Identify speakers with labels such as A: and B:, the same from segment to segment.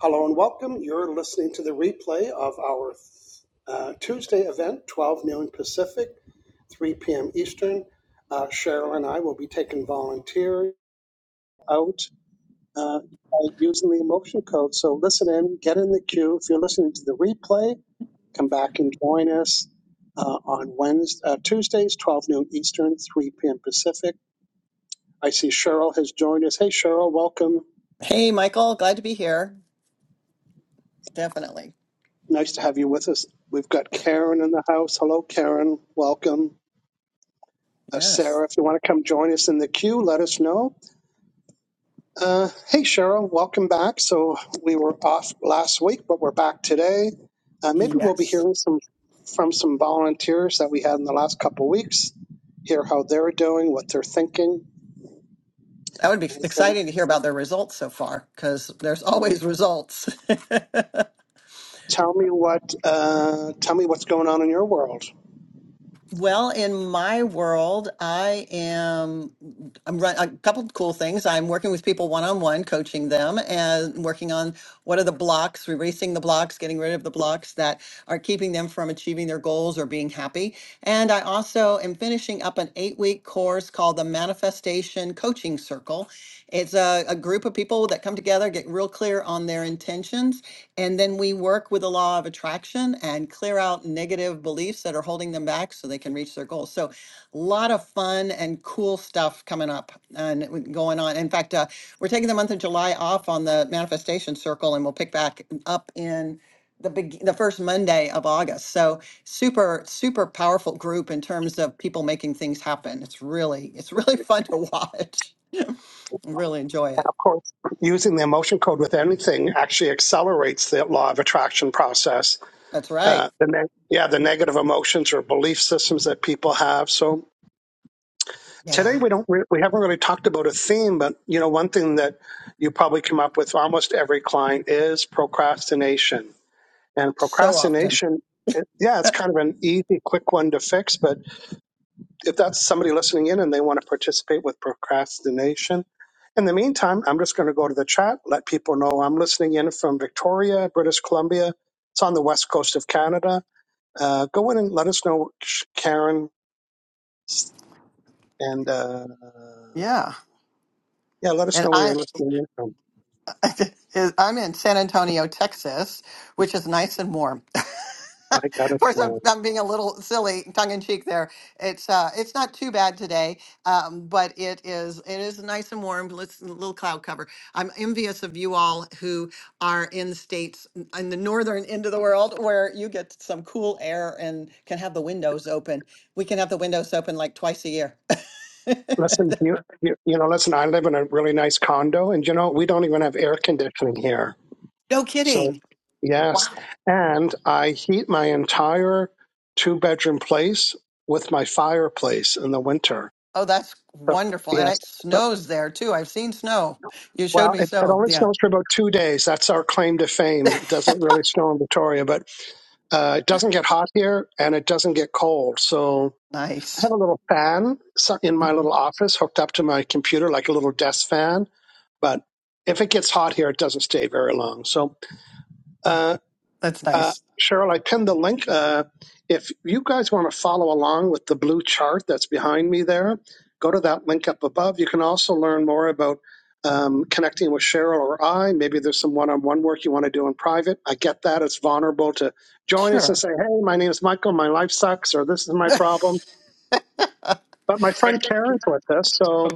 A: Hello and welcome. You're listening to the replay of our uh, Tuesday event, 12 noon Pacific, 3 p.m. Eastern. Uh, Cheryl and I will be taking volunteers out uh, by using the emotion code. So listen in, get in the queue. If you're listening to the replay, come back and join us uh, on Wednesday, uh, Tuesdays, 12 noon Eastern, 3 p.m. Pacific. I see Cheryl has joined us. Hey, Cheryl, welcome.
B: Hey, Michael, glad to be here. Definitely.
A: Nice to have you with us. We've got Karen in the house. Hello, Karen. Welcome. Uh,
B: Yes.
A: Sarah, if you want to come join us in the queue, let us know. Uh, hey, Cheryl, welcome back. So we were off last week, but we're back today. Uh, maybe we'll be hearing some from some volunteers that we had in the last couple of weeks. Hear how they're doing, what they're thinking,
B: That would be
A: anything.
B: exciting to hear about their results so far because there's
A: Uh,
B: always results.
A: tell me what. Uh, tell me what's going on in your world.
B: well, in my world, I am I'm run a couple of cool things. I'm working with people one-on-one, coaching them and working on what are the blocks, erasing the blocks, getting rid of the blocks that are keeping them from achieving their goals or being happy. And I also am finishing up an 8-week course called the Manifestation Coaching Circle It's a, a group of people that come together, get real clear on their intentions, and then we work with the law of attraction and clear out negative beliefs that are holding them back so they can reach their goals. So, a lot of fun and cool stuff coming up and w- going on. In fact, uh, we're taking the month of July off on the manifestation circle, and we'll pick back up in the big, the first Monday of August. So super, super powerful group in terms of people making things happen. It's really, it's really fun to watch and really enjoy it.
A: Of course, using the emotion code with anything actually accelerates the law of attraction process.
B: That's
A: Uh,
B: right.
A: the neg yeah, the negative emotions or belief systems that people have. So today
B: Yeah.
A: we don't re- we haven't really talked about a theme, but you know one thing that you probably come up with almost every client is procrastination. And
B: So often.
A: procrastination, it, yeah, it's kind of an easy, quick one to fix, but if that's somebody listening in and they want to participate with procrastination. In the meantime, I'm just going to go to the chat, let people know I'm listening in from Victoria, British Columbia. It's on the west coast of Canada. Uh, go in and let us know, Karen, and uh,
B: Yeah.
A: yeah, let us
B: And
A: know where
B: I,
A: you're listening in from.
B: I'm in San Antonio, Texas, which is nice and warm.
A: I got
B: of
A: it
B: course, I'm,
A: wrong.
B: I'm being a little silly, tongue in cheek. There, it's uh, it's not too bad today, um, but it is it is nice and warm. Let's a little cloud cover. I'm envious of you all who are in states n- in the northern end of the world where you get some cool air and can have the windows open. We can have the windows open like twice a year.
A: Listen, you, you, you know, listen, I live in a really nice condo, and you know, we don't even have air conditioning here
B: No
A: So,
B: kidding.
A: yes.
B: Wow.
A: And I heat my entire two bedroom place with my fireplace in the winter.
B: Oh, that's
A: So,
B: wonderful. And
A: yes.
B: it
A: So,
B: snows there too. I've seen snow. You showed
A: well,
B: me
A: it, it
B: snow.
A: only
B: Yeah.
A: snows for about two days. That's our claim to fame. It doesn't really snow in Victoria, but uh, it doesn't get hot here and it doesn't get cold. So I
B: Nice.
A: have a little fan so- in my
B: Mhm.
A: little office hooked up to my computer, like a little desk fan. But if it gets hot here, it doesn't stay very long. So, uh,
B: That's
A: Uh,
B: nice.
A: Cheryl, I pinned the link. Uh, if you guys want to follow along with the blue chart that's behind me there, go to that link up above. You can also learn more about um, connecting with Cheryl or I. Maybe there's some one on one work you want to do in private. I get that. It's vulnerable to join us and
B: Sure.
A: say, hey, my name is Michael, my life sucks, or this is my problem. But my friend Karen's with us. So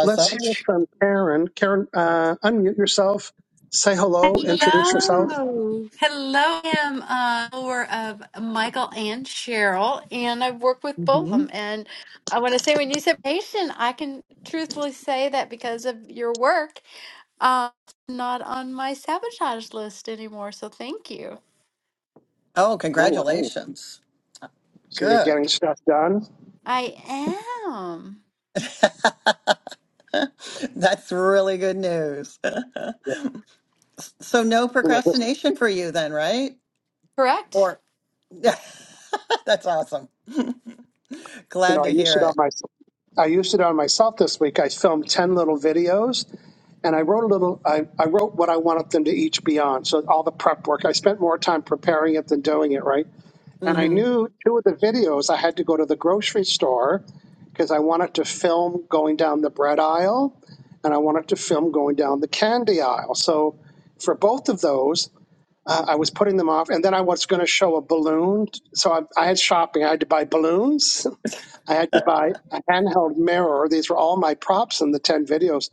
A: let's hear from Karen. Karen, uh, unmute yourself, say hello, introduce yourself.
C: Hello. Hello. I'm a follower of Michael and Cheryl, and I've worked with both of
B: hmm
C: them. And I want to say, when you said patient, I can truthfully say that because of your work, uh, not on my sabotage list anymore. So thank you.
B: Oh,
A: Oh, wow.
B: congratulations.
A: So you're getting
B: Good.
A: stuff done.
C: I am.
B: That's really good news. so, no
A: You know, this,
B: procrastination for you then, right?
C: Correct.
B: Or that's awesome.
A: you
B: Glad
A: know, I
B: to
A: used it
B: hear
A: on
B: it.
A: my, I used it on myself this week. I filmed ten little videos, and I wrote a little. I, I wrote what I wanted them to each be on. So all the prep work. I spent more time preparing it than doing it. Right. And I
B: hmm
A: knew two of the videos I had to go to the grocery store because I wanted to film going down the bread aisle, and I wanted to film going down the candy aisle. So for both of those. Uh, I was putting them off, and then I was going to show a balloon. So I, I had shopping. I had to buy balloons, I had to buy a handheld mirror. These were all my props in the 10 videos.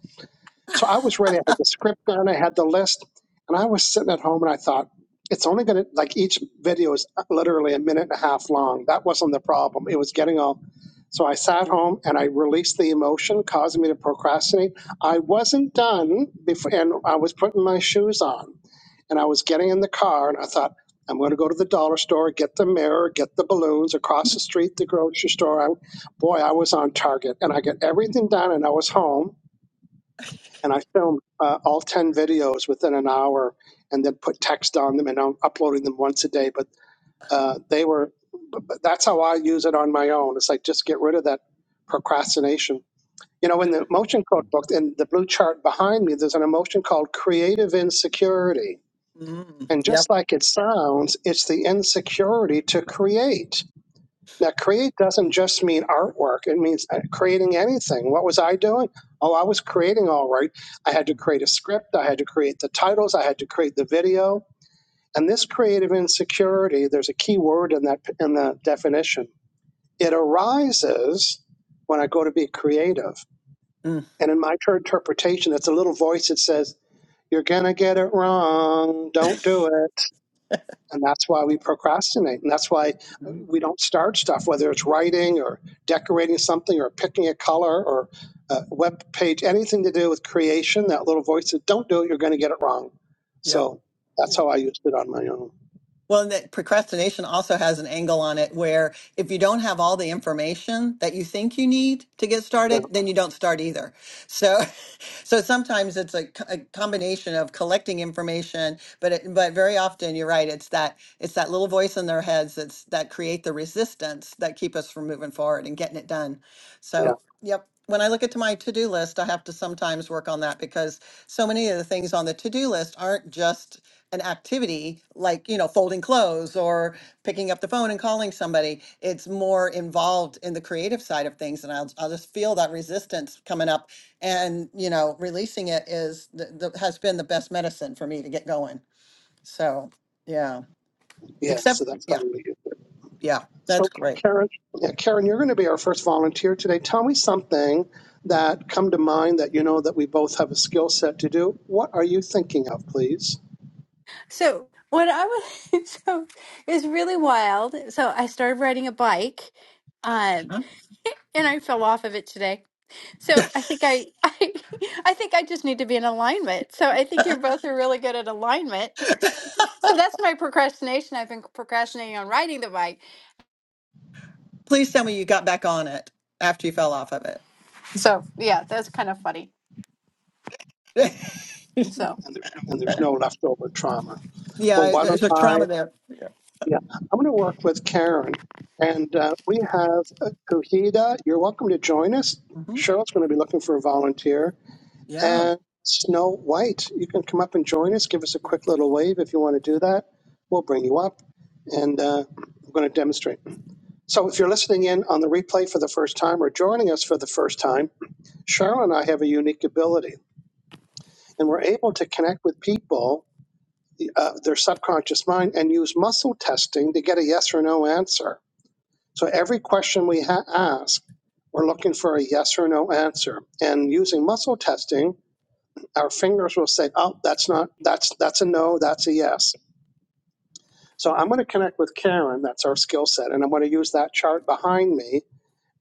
A: So I was ready. I had the script done, I had the list, and I was sitting at home and I thought, it's only going to, like, each video is literally a minute and a half long. That wasn't the problem. It was getting all. So I sat home and I released the emotion, causing me to procrastinate. I wasn't done before, and I was putting my shoes on. And I was getting in the car and I thought, I'm going to go to the dollar store, get the mirror, get the balloons across the street, the grocery store. I, boy, I was on target. And I got everything done and I was home and I filmed uh, all 10 videos within an hour and then put text on them and I'm uploading them once a day. But uh, they were, but but that's how I use it on my own. It's like just get rid of that procrastination. You know, in the emotion code book, in the blue chart behind me, there's an emotion called creative insecurity
B: hmm
A: and
B: Yep.
A: just like it sounds, it's the insecurity to create. Now, create doesn't just mean artwork, it means uh, creating anything. What was I doing? Oh, I was creating all right. I had to create a script, I had to create the titles, I had to create the video. And this creative insecurity, there's a key word in that in the definition. It arises when I go to be creative. And in my interpretation, it's a little voice that says, You're gonna get it wrong, don't do it And that's why we procrastinate. And that's why
B: Mm-hmm.
A: we don't start stuff, whether it's writing or decorating something or picking a color or a web page, anything to do with creation. That little voice says, don't do it, you're going to get it wrong.
B: Yep.
A: So that's
B: Yep.
A: how I used it on my own.
B: Well, and that procrastination also has an angle on it where if you don't have all the information that you think you need to get
A: Yeah,
B: started, then you don't start either. So, so sometimes it's a, co- a combination of collecting information, but it, but very often you're right. It's that it's that little voice in their heads that's that create the resistance that keep us from moving forward and getting it done.
A: yeah,
B: So, yep. When I look at my to-do list, I have to sometimes work on that because so many of the things on the to-do list aren't just an activity like, you know, folding clothes or picking up the phone and calling somebody. It's more involved in the creative side of things. And I'll, I'll just feel that resistance coming up and, you know, releasing it is the, the, has been the best medicine for me to get going. So, yeah,
A: yeah.
B: except,
A: So that's how
B: yeah,
A: we used it.
B: yeah, that's
A: So,
B: great.
A: Karen, yeah, Karen, you're going to be our first volunteer today. Tell me something that come to mind that you know that we both have a skill set to do. What are you thinking of, please?
C: So, what I was, so is really wild. So, I started riding a bike. Um,
B: Huh?
C: and I fell off of it today. So I think I, I think I just need to be in alignment. So I think you both are really good at alignment. so that's my procrastination. I've been procrastinating on riding the bike.
B: Please tell me you got back on it after you fell off of
C: So yeah, that's kind of funny.
B: it.
C: So
A: and there's no leftover trauma. Well,
B: yeah,
A: why don't
B: there's a
A: I?
B: trauma there. Yeah.
A: Yeah, I'm going to work with Karen, and uh, we have uh, Kuhida. You're welcome to join us.
B: hmm
A: Cheryl's going to be looking for a volunteer,
B: Yeah.
A: and Snow White. You can come up and join us. Give us a quick little wave if you want to do that. We'll bring you up, and uh, we're going to demonstrate. So, if you're listening in on the replay for the first time or joining us for the first time, Cheryl and I have a unique ability, and we're able to connect with people uh, their subconscious mind and use muscle testing to get a yes or no answer. So every question we ha- ask, we're looking for a yes or no answer. And using muscle testing, our fingers will say, "Oh, that's not that's that's a no, that's a yes." So I'm going to connect with Karen. That's our skill set, and I'm going to use that chart behind me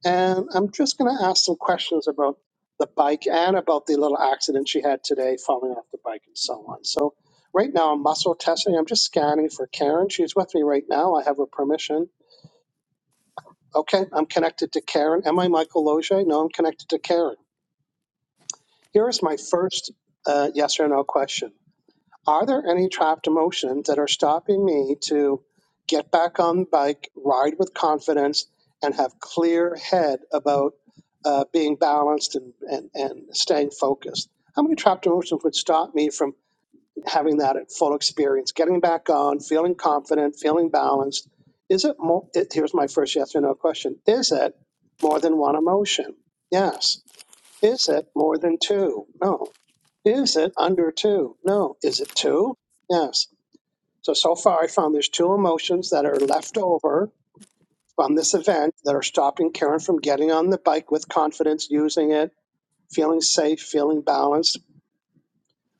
A: and I'm just going to ask some questions about the bike and about the little accident she had today falling off the bike and so on. So, right now, I'm muscle testing. I'm just scanning for Karen. She's with me right now. I have her permission. Okay, I'm connected to Karen. Am I Michael Loge? No, I'm connected to Karen. Here is my first uh, yes or no question Are there any trapped emotions that are stopping me to get back on the bike, ride with confidence, and have clear head about uh, being balanced and, and, and staying focused? How many trapped emotions would stop me from having that at full experience, getting back on, feeling confident, feeling balanced? Is it more? It, here's my first yes or no question. Is it more than one emotion? Yes. Is it more than two? No. Is it under two? No. Is it two? Yes. So, so far, I found there's two emotions that are left over from this event that are stopping Karen from getting on the bike with confidence, using it, feeling safe, feeling balanced.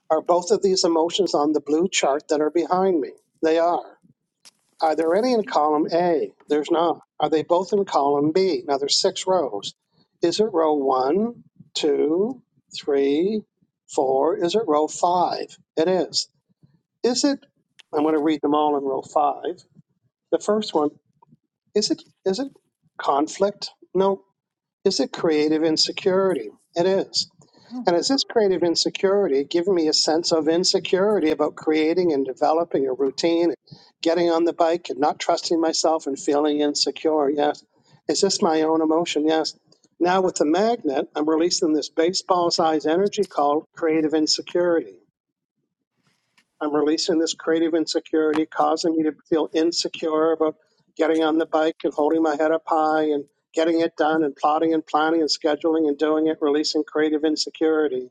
A: Are both of these emotions on the blue chart that are behind me? They are. Are there any in column A? There's not. Are they both in column B? Now there's six rows. Is it row one, two, three, four? Is it row five? It is. Is it? I'm going to read them all in row five. The first one is it? Is it conflict? No. Is it creative insecurity? It is. And is this creative insecurity giving me a sense of insecurity about creating and developing a routine, getting on the bike and not trusting myself and feeling insecure? Yes. Is this my own emotion? Yes. Now with the magnet, I'm releasing this baseball size energy called creative insecurity. I'm releasing this creative insecurity, causing me to feel insecure about getting on the bike and holding my head up high and getting it done and plotting and planning and scheduling and doing it, releasing creative insecurity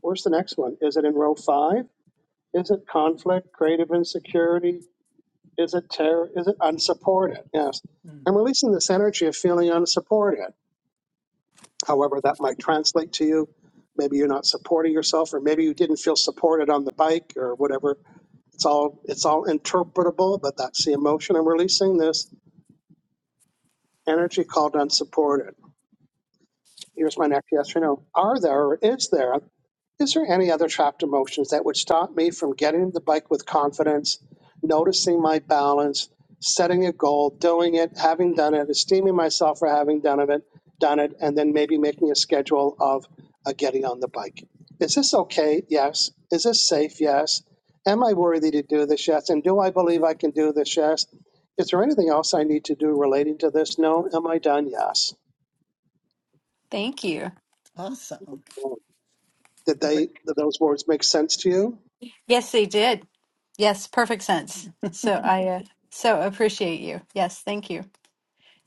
A: Where's the next one? Is it in row five? Is it conflict, creative insecurity? Is it terror? Is it unsupported? Yes.
B: Mm.
A: I'm releasing this energy of feeling unsupported. However, that might translate to you. Maybe you're not supporting yourself, or maybe you didn't feel supported on the bike or whatever. It's all it's all interpretable, but that's the emotion. I'm releasing this energy called unsupported. Here's my next yes or no. Are there or is there is there any other trapped emotions that would stop me from getting the bike with confidence, noticing my balance, setting a goal, doing it, having done it, esteeming myself for having done it, done it, and then maybe making a schedule of uh, getting on the bike? Is this okay? Yes. Is this safe? Yes. Am I worthy to do this? Yes. And do I believe I can do this? Yes. Is there anything else I need to do relating to this? No. Am I done? Yes.
C: thank you.
B: Awesome.
A: Did they? Did those words make sense to you?
C: Yes, they did. Yes, perfect sense. So I uh, so appreciate you. Yes, thank you.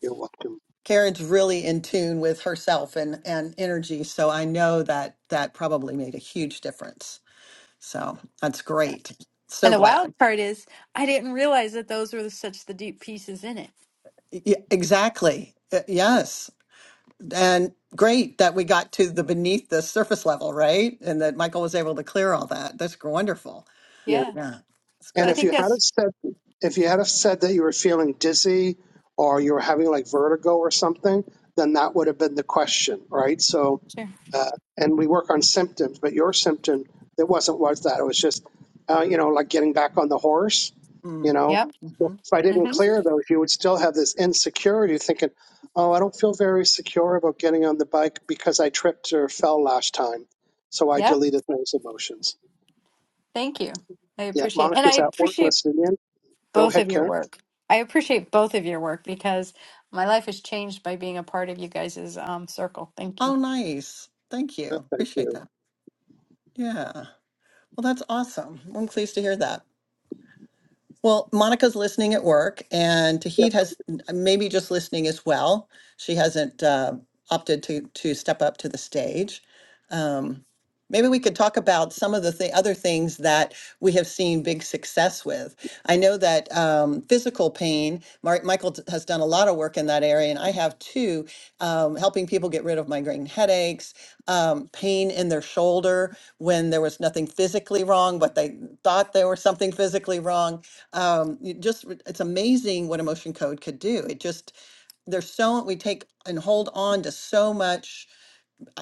A: You're welcome.
B: Karen's really in tune with herself and and energy, so I know that that probably made a huge difference. So that's great. So
C: And the
B: glad.
C: wild part is I didn't realize that those were such the deep pieces in it.
B: Yeah, exactly. Uh, Yes. And great that we got to the beneath the surface level, right? And that Michael was able to clear all that. That's gr- wonderful.
A: Yeah.
C: Yeah.
B: Yeah. It's
C: So
A: And
C: I
B: co-
A: if you
C: think
A: had have
C: that's
A: said if you had have said that you were feeling dizzy or you were having like vertigo or something, then that would have been the question, right? So,
C: sure.
A: uh, and we work on symptoms, but your symptom it wasn't was that it was just uh, you know like getting back on the horse,
B: mm,
A: you know.
C: Yep.
B: mhm.
A: If I didn't
C: hmm
A: clear those, you would still have this insecurity, thinking, "Oh, I don't feel very secure about getting on the bike because I tripped or fell last time." So I
C: Yep.
A: deleted those emotions.
C: Thank you. I
A: Yeah,
C: appreciate, and I
A: Monica's at work
C: appreciate
A: listening in. Go
C: both
A: ahead,
C: of your
A: Karen.
C: work. I appreciate both of your work because my life has changed by being a part of you guys' um, circle. Thank you.
B: Oh, nice. Thank
A: No,
B: you.
A: thank
B: Appreciate
A: you.
B: that. Yeah. Well, that's awesome. I'm pleased to hear that. Well, Monica's listening at work, and
A: Yeah.
B: Tahid has maybe just listening as well. She hasn't uh, opted to to step up to the stage. Um, maybe we could talk about some of the th- other things that we have seen big success with. I know that um, physical pain. Mark Michael d- has done a lot of work in that area, and I have too, um, helping people get rid of migraine headaches, um, pain in their shoulder when there was nothing physically wrong, but they thought there was something physically wrong um you just it's amazing what emotion code could do it just there's so we take and hold on to so much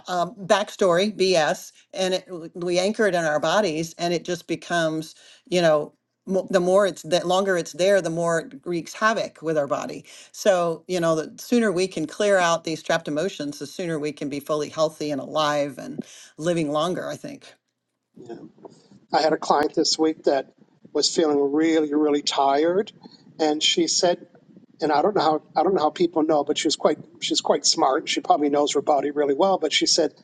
B: um, backstory bs and it, we anchor it in our bodies and it just becomes you know mo- the more it's the longer it's there the more it wreaks havoc with our body so you know the sooner we can clear out these trapped emotions the sooner we can be fully healthy and alive and living longer i think
A: yeah. I had a client this week that was feeling really, really tired, and she said, and I don't know how I don't know how people know, but she's quite she's quite smart. She probably knows her body really well, but she said,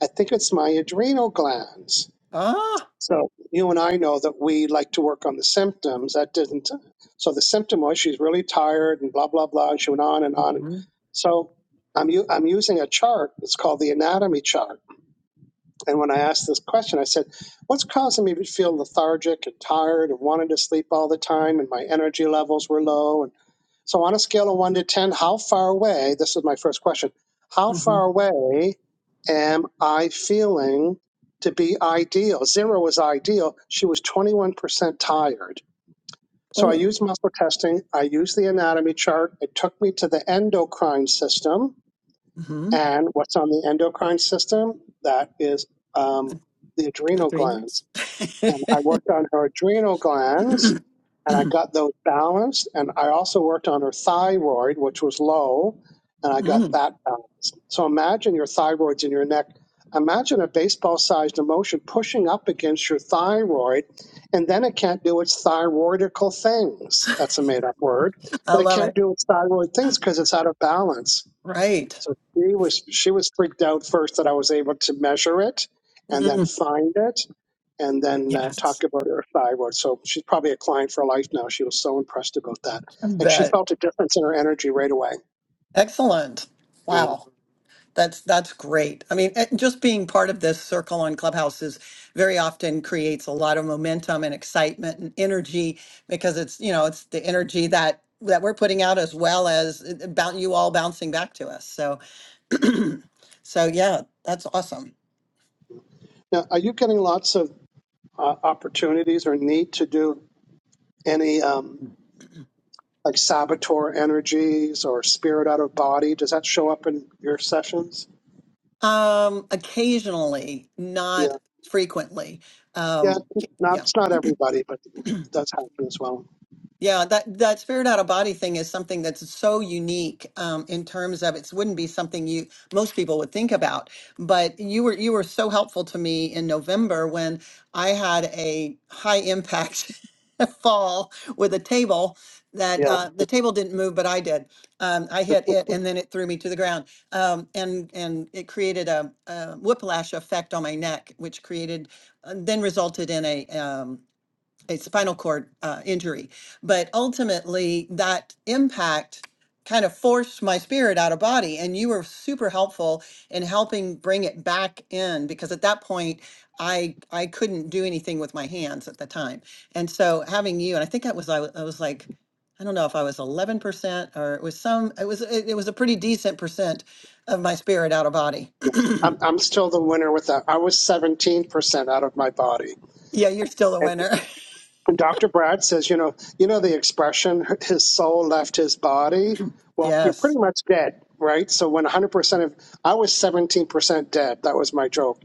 A: I think it's my adrenal glands.
B: Ah.
A: So you and I know that we like to work on the symptoms. That didn't. So the symptom was she's really tired and blah blah blah. And she went on and on.
B: hmm
A: So I'm u- I'm using a chart. It's called the anatomy chart And when I asked this question, I said, What's causing me to feel lethargic and tired and wanting to sleep all the time? And my energy levels were low. And so, on a scale of one to 10, how far away? This is my first question. How
B: hmm
A: far away am I feeling to be ideal? Zero was ideal. She was 21% tired. So, I
B: Oh.
A: used muscle testing, I used the anatomy chart. It took me to the endocrine system
B: Mm-hmm.
A: and what's on the endocrine system? That is um, the adrenal glands.
B: Adrenals.
A: And I worked on her adrenal glands and I got those balanced. And I also worked on her thyroid, which was low, and I got
B: mm,
A: that balanced. So imagine your thyroid's in your neck. Imagine a baseball sized emotion pushing up against your thyroid, and then it can't do its thyroidical things. That's a made up word,
B: I
A: but it
B: love
A: can't
B: it.
A: do its thyroid things because it's out of balance
B: Right.
A: so she was she was freaked out first that I was able to measure it and then
B: Mm,
A: find it and then uh, talk
B: yes.
A: about her thyroid. So she's probably a client for life now. She was so impressed about that,
B: I
A: and she
B: bet.
A: felt a difference in her energy right away.
B: Excellent.
A: Yeah.
B: Wow. That's that's great. I mean, eh, just being part of this circle on Clubhouse is very often creates a lot of momentum and excitement and energy because it's you know it's the energy that that we're putting out as well as it- about you all bouncing back to us. So so yeah, that's awesome.
A: Now, are you getting lots of uh, opportunities or need to do any um, like saboteur energies or spirit out of body? Does that show up in your sessions?
B: Um, occasionally,
A: Yeah,
B: not frequently.
A: yeah.
B: Um,
A: Not
B: yeah,
A: it's not everybody, but it does happen as well.
B: Yeah, that that spirit out of body thing is something that's so unique um, in terms of it wouldn't be something you most people would think about. But you were you were so helpful to me in November when I had a high impact fall with a table that
A: Yeah,
B: uh, the table didn't move, but I did. Um, I hit it, and then it threw me to the ground, um, and and it created a, a whiplash effect on my neck, which created uh, then resulted in a um, a spinal cord uh, injury. But ultimately, that impact kind of forced my spirit out of body. And you were super helpful in helping bring it back in because at that point, I I couldn't do anything with my hands at the time. And so having you, and I think I was I, wa- I was like. I don't know if I was 11% or it was some, it was, it, it was a pretty decent percent of my spirit out of body.
A: I'm I'm still the winner with that. I was 17% out of my body.
B: yeah, you're still a
A: And
B: winner.
A: Dr. Brad says, you know, you know the expression, his soul left his body. Well, you're pretty
B: yes.
A: much dead, right? So when 100% of I was 17% dead. That was my joke.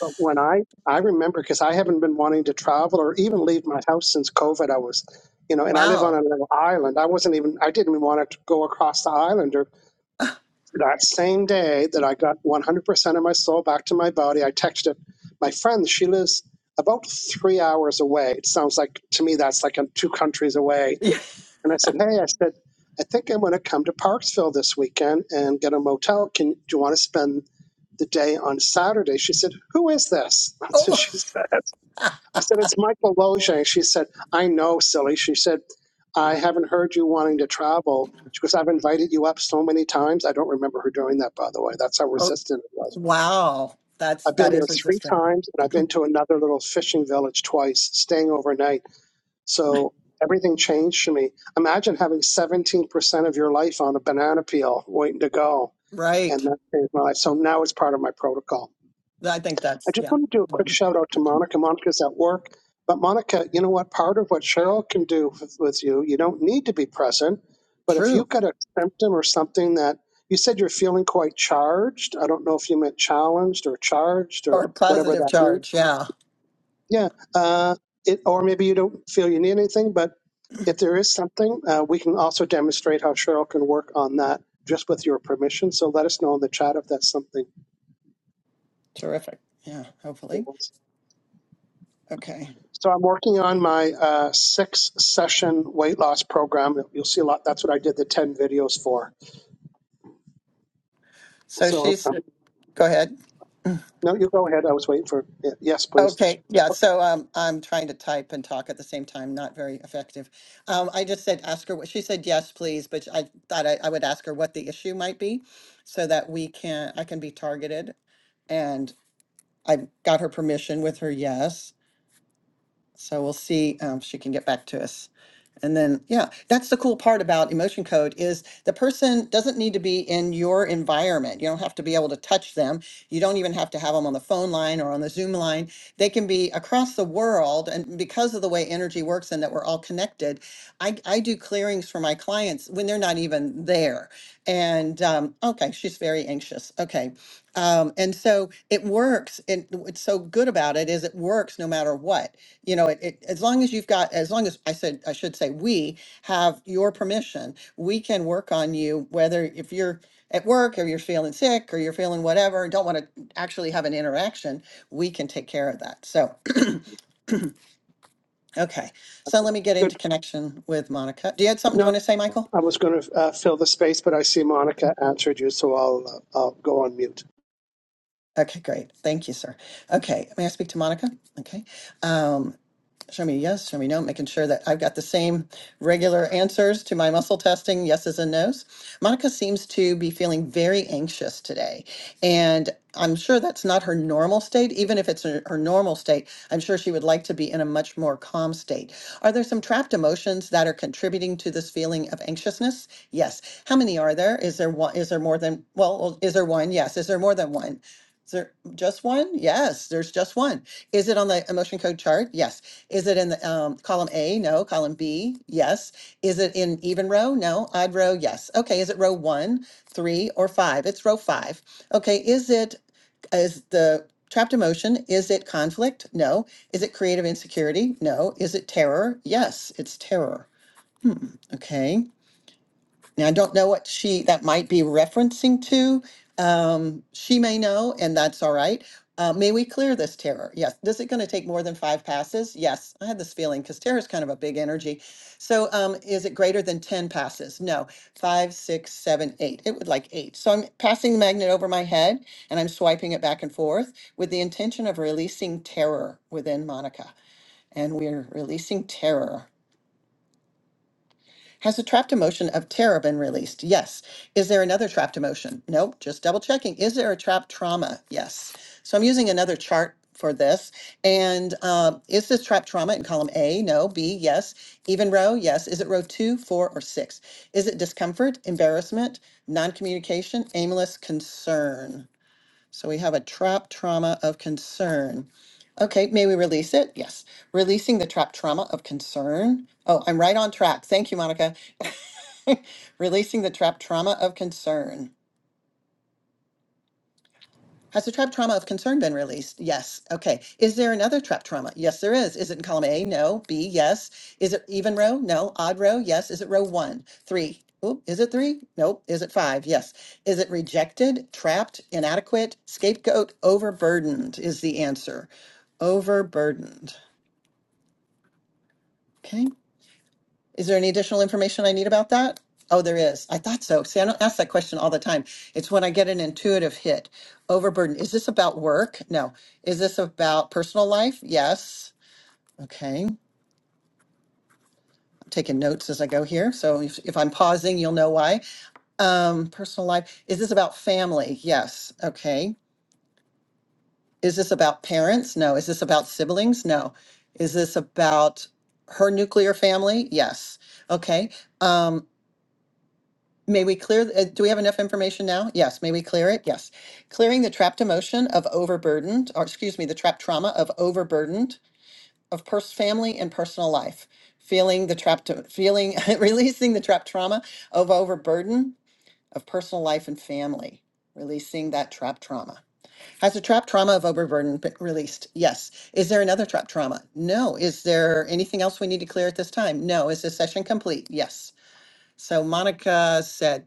A: But when I I remember because I haven't been wanting to travel or even leave my house since COVID. I was, you know, and I live on
B: Wow.
A: a little island. I wasn't even I didn't even want to go across the island or that same day that I got 100% of my soul back to my body, I texted my friend. She lives about three hours away. It sounds like to me that's like I'm two countries away. And I said, Hey, I said, I think I'm going to come to Parksville this weekend and get a motel. Can do you want to spend the day on Saturday? She said, Who is this? That's what she said. I said, it's Michael Loge. She said, I know, silly. She said, I haven't heard you wanting to travel. She goes, I've invited you up so many times. I don't remember her doing that, by the way. That's how
B: Oh,
A: resistant it was.
B: Wow. That's
A: I've been
B: that
A: there
B: is
A: three
B: resistant.
A: times, and I've been to another little fishing village twice, staying overnight. So everything changed for me. Imagine having 17% of your life on a banana peel waiting to go. And
B: Right.
A: that changed my life. So now it's part of my protocol.
B: I think
A: I
B: that's
A: just
B: yeah,
A: want to do a quick
B: important.
A: shout out to Monica. Monica's at work. But Monica, you know what? Part of what Cheryl can do with, with you, you don't need to be present. But if
B: True.
A: you've got a symptom or something that you said you're feeling quite charged, I don't know if you meant challenged or charged
B: Or
A: or
B: a
A: whatever
B: positive
A: that means.
B: charge. Yeah.
A: Yeah. Uh, it, or maybe you don't feel you need anything. But if there is something, uh, we can also demonstrate how Cheryl can work on that just with your permission. So let us know in the chat if that's something.
B: Terrific. Yeah, hopefully. Okay.
A: So I'm working on my uh, six session weight loss program. You'll see a lot. That's what I did the 10 videos for.
B: So
A: So
B: she's
A: um,
B: go ahead.
A: no, you go ahead. I was waiting for, y- yes, please.
B: Okay. Yeah.
A: Okay,
B: So um I'm trying to type and talk at the same time, not very effective. Um I just said ask her what she said yes, please, but I thought I, I would ask her what the issue might be so that we can I can be targeted and I got her permission with her yes. So we'll see um, if she can get back to us. And then, yeah, that's the cool part about emotion code is the person doesn't need to be in your environment. You don't have to be able to touch them. You don't even have to have them on the phone line or on the Zoom line. They can be across the world. And because of the way energy works and that we're all connected, I, I do clearings for my clients when they're not even there. And um, okay, she's very anxious. Okay. Um, and so it works. And what's so good about it is it works no matter what you know, it, it, as long as you've got, as long as I said, I should say, we have your permission, we can work on you, whether if you're at work or you're feeling sick or you're feeling whatever, and don't want to actually have an interaction, we can take care of that. So, okay. So let me get
A: good.
B: into connection with Monica. Do you have something you
A: No,
B: want to say, Michael?
A: I was going to uh, fill the space, but I see Monica answered you, so I'll, uh, I'll go on mute.
B: Okay, great. Thank you, sir. Okay, may I speak to Monica? Okay. Um, Show me yes, show me no, making sure that I've got the same regular answers to my muscle testing, yeses and nos. Monica seems to be feeling very anxious today. And I'm sure that's not her normal state. Even if it's her her normal state, I'm sure she would like to be in a much more calm state. Are there some trapped emotions that are contributing to this feeling of anxiousness? Yes. How many are there? Is there one? Is there more than, well, well, is there one? Yes. Is there more than one? Is there just one? Yes, there's just one. Is it on the emotion code chart? Yes. Is it in the um, column A? No. Column B? Yes. Is it in even row? No. Odd row? Yes. Okay. Is it row one, three, or five? It's row five. Okay. Is it, is the trapped emotion, is it conflict? No. Is it creative insecurity? No. Is it terror? Yes, it's terror. Hmm. Okay. Now, I don't know what she that might be referencing to. Um, she may know, and that's all right. Uh, may we clear this terror? Yes. Is it going to take more than five passes? Yes. I had this feeling because terror is kind of a big energy. So, um, is it greater than 10 passes? No. Five, six, seven, eight. It would like eight. So, I'm passing the magnet over my head and I'm swiping it back and forth with the intention of releasing terror within Monica. And we're releasing terror. Has a trapped emotion of terror been released? Yes. Is there another trapped emotion? Nope. Just double checking. Is there a trapped trauma? Yes. So I'm using another chart for this. And um, is this trapped trauma in column A? No. B? Yes. Even row? Yes. Is it row two, four, or six? Is it discomfort, embarrassment, non communication, aimless concern? So we have a trapped trauma of concern. Okay, may we release it? Yes. Releasing the trapped trauma of concern. Oh, I'm right on track. Thank you, Monica. Releasing the trapped trauma of concern. Has the trapped trauma of concern been released? Yes. Okay. Is there another trapped trauma? Yes, there is. Is it in column A? No. B? Yes. Is it even row? No. Odd row? Yes. Is it row one? Three? Oop, is it three? Nope. Is it five? Yes. Is it rejected, trapped, inadequate, scapegoat, overburdened? Is the answer. Overburdened. Okay. Is there any additional information I need about that? Oh, there is. I thought so. See, I don't ask that question all the time. It's when I get an intuitive hit. Overburden. Is this about work? No. Is this about personal life? Yes. Okay. I'm taking notes as I go here. So if, if I'm pausing, you'll know why. Um, personal life. Is this about family? Yes. Okay. Is this about parents? No. Is this about siblings? No. Is this about her nuclear family? Yes. Okay. Um, May we clear, uh, do we have enough information now? Yes, may we clear it? Yes. Clearing the trapped emotion of overburdened, or excuse me, the trapped trauma of overburdened of pers- family and personal life. Feeling the trapped, feeling, releasing the trapped trauma of overburden of personal life and family. Releasing that trapped trauma. Has the trapped trauma of overburden been released? Yes. Is there another trapped trauma? No. Is there anything else we need to clear at this time? No. Is this session complete? Yes. So Monica said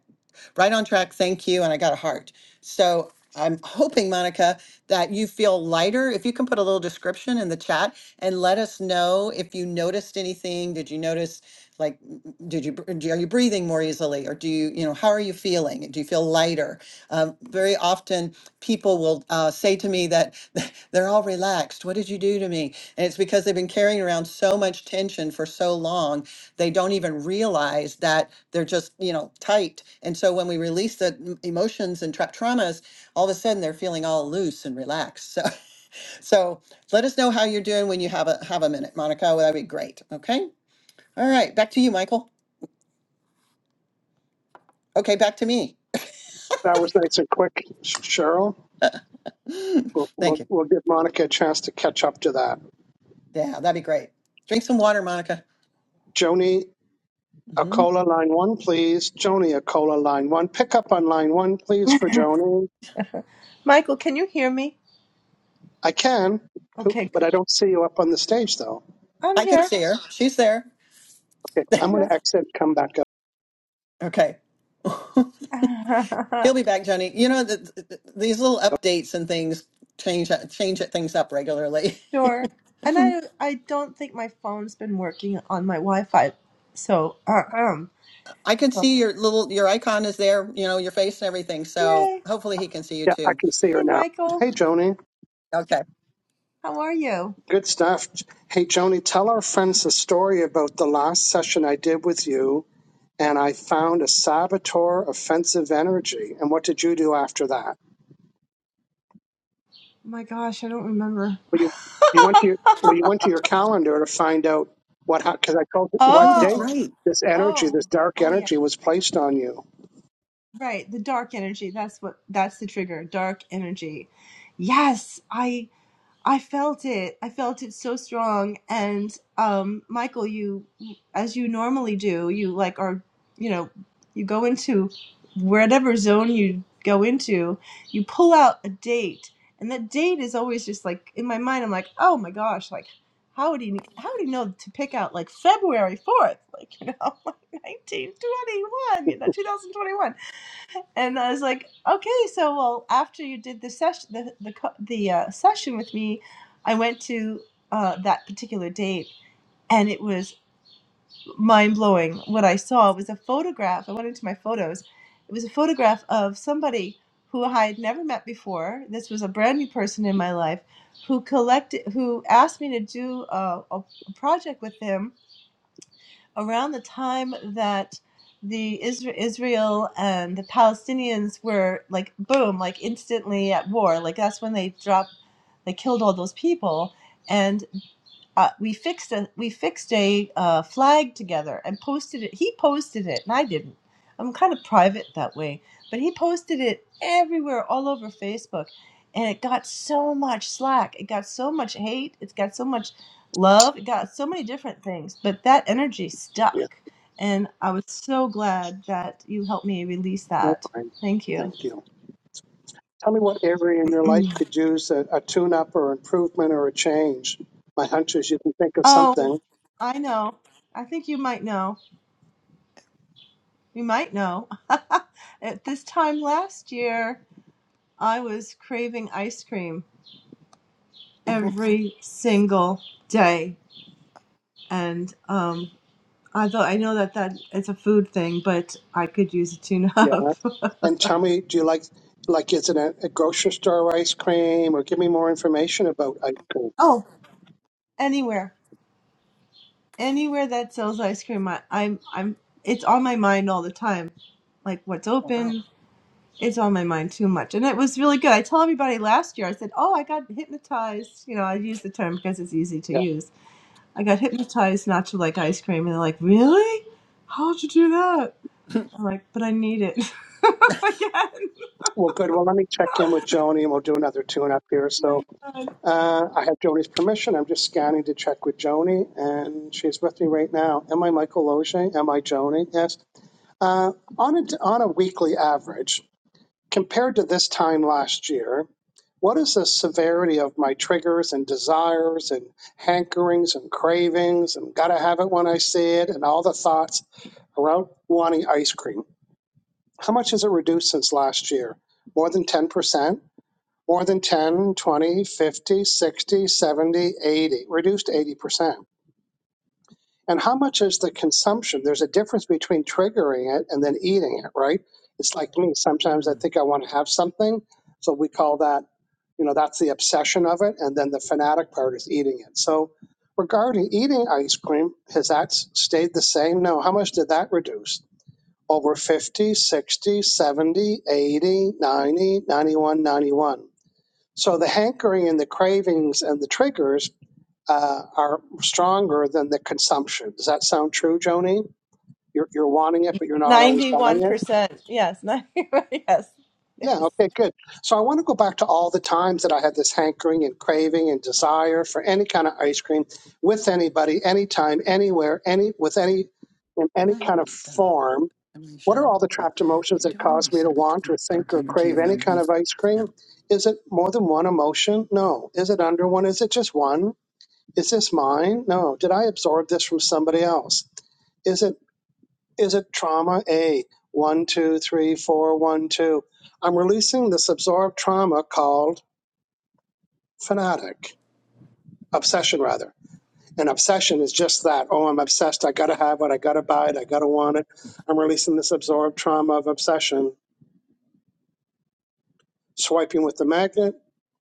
B: right on track. Thank you. And I got a heart. So I'm hoping, Monica, that you feel lighter. If you can put a little description in the chat and let us know if you noticed anything. Did you notice, like, m- m- did you br- do- are you breathing more easily, or do you, you know, how are you feeling? Do you feel lighter? Um, very often, people will uh, say to me that they're all relaxed. What did you do to me? And it's because they've been carrying around so much tension for so long they don't even realize that they're just you know tight and so when we release the m- emotions and tra- traumas all of a sudden they're feeling all loose and relaxed so so let us know how you're doing when you have a have a minute monica that'd be great okay all right back to you michael okay back to me
A: That was nice and quick, Sh- Cheryl. We'll, we'll,
B: thank you
A: we'll give Monica a chance to catch up to that.
B: yeah that'd be great drink some water monica
A: Joni
B: hmm
A: Acola, line one, please. Joni Acola, line one. Pick up on line one, please, for Joni.
D: Michael, can you hear me?
A: I can,
D: Okay,
A: but
D: good.
A: I don't see you up on the stage though.
D: I'm
B: i can
D: here.
B: see her she's there
A: Okay, I'm going to exit, come back up.
B: okay
D: I'm
B: he'll
D: here.
B: be back johnny you know th th- th- these little updates and things change uh, change things up regularly
D: sure. And I I don't think my phone's been working on my Wi-Fi. So, uh, um,
B: I can
D: so,
B: see your little your icon is there, you know, your face and everything. So
D: yay.
B: hopefully he can see you
A: Yeah, I
B: too.
A: can see
D: Hey,
A: her now.
D: Michael,
A: Hey, Joni.
B: Okay.
D: how are you?
A: Good stuff. Hey, Joni, tell our friends the story about the last session I did with you, and I found a saboteur offensive energy. And what did you do after that?
D: My gosh, I don't remember.
A: Well, you, you went to your well, you went to your calendar to find out what because I told you what
B: Oh, that's
A: date
D: oh,
B: right.
A: this energy,
D: oh,
A: this dark
D: oh yeah.
A: energy, was placed on you.
D: Right, the dark energy. That's what that's the trigger, dark energy. Yes, I. I felt it. I felt it so strong. And um, Michael, you, as you normally do, you like are, you know, you go into whatever zone you go into, you pull out a date, and that date is always just like in my mind. I'm like, oh my gosh, like how would he, how would he know to pick out like February fourth, like you know, like 1921, you know, 2021 and I was like, okay, so well, after you did the session, the the co- the uh, session with me, I went to uh, that particular date, and it was mind blowing. What I saw was a photograph. I went into my photos. It was a photograph of somebody who I had never met before. This was a brand new person in my life who collected, who asked me to do a, a a project with him around the time that the Isra- Israel and the Palestinians were like boom, like instantly at war. Like that's when they dropped, they killed all those people, and uh, we fixed a we fixed a uh, flag together and posted it. He posted it, and I didn't. I'm kind of private that way, but he posted it everywhere, all over Facebook, and it got so much slack. It got so much hate. It's got so much love. It got so many different things, but that energy
A: Yeah,
D: stuck, and I was so glad that you helped me release
A: no,
D: that.
A: fine.
D: Thank you.
A: Thank you. Tell me what area in your life could use a, a tune up or improvement or a change. My hunch is you can think of
D: oh,
A: something.
D: I know. I think you might know. You might know. At this time last year, I was craving ice cream every single day, and um, I I know that that it's a food thing, but I could use a tune
A: Yeah.
D: up.
A: And tell me, do you like, like, is it a, a grocery store ice cream or give me more information about ice cream?
D: oh, anywhere, anywhere that sells ice cream, I, I'm I'm it's on my mind all the time. Like what's
B: Oh, wow.
D: open, it's on my mind too much, and it was really good. I told everybody last year. I said, "Oh, I got hypnotized." You know, I use the term because it's easy to
A: Yeah.
D: use I got hypnotized not to like ice cream, and they're like, "Really? How'd you do that?" I'm like, "But I need it." Again,
A: Well, good. Well, let me check in with Joni and we'll do another tune up here. So
D: my God.
A: uh, I have Joni's permission. I'm just scanning to check with Joni and she's with me right now. Am I Michael Loge? Am I Joni? Yes. Uh, on, a, on a weekly average, Compared to this time last year, what is the severity of my triggers and desires and hankerings and cravings and gotta have it when I see it and all the thoughts around wanting ice cream? How much has it reduced since last year? More than 10%? More than 10, 20, 50, 60, 70, 80? reduced 80%. And how much is the consumption? There's a difference between triggering it and then eating it, right? It's like me. Sometimes I
B: Mm.
A: think I want to have something. So we call that, you know, that's the obsession of it. And then the fanatic part is eating it. So regarding eating ice cream, has that s- stayed the same? No. How much did that reduce? Over 50, 60, 70, 80, 90, 91, ninety-one. So the hankering and the cravings and the triggers uh, are stronger than the consumption. Does that sound true, Joni? You're, you're wanting it, but you're not always buying
D: Ninety-one
A: it?
D: percent. Yes. 90, yes.
A: Yeah,
D: Yes.
A: okay, good. So I want to go back to all the times that I had this hankering and craving and desire for any kind of ice cream with anybody, anytime, anywhere, any with any in
B: do
A: any
B: I have
A: kind of
B: any? Uh,
A: form.
B: am
A: What are
B: Cheryl?
A: all the
B: Yeah.
A: trapped emotions
B: Okay,
A: that
B: do I have any
A: cause me to
B: cyber
A: want
B: tw-
A: or think
B: dark
A: or
B: energy
A: crave any
B: around
A: kind
B: me?
A: of ice
B: No.
A: cream? Is it more than one emotion? No. Is it under one? Is it just one? Is this mine? No. Did I absorb this from somebody else? Is it is it trauma A? One, two, three, four, one, two. I'm releasing this absorbed trauma called fanatic. Obsession rather. And obsession is just that. Oh, I'm obsessed. I gotta have it. I gotta buy it. I gotta want it. I'm releasing this absorbed trauma of obsession, swiping with the magnet,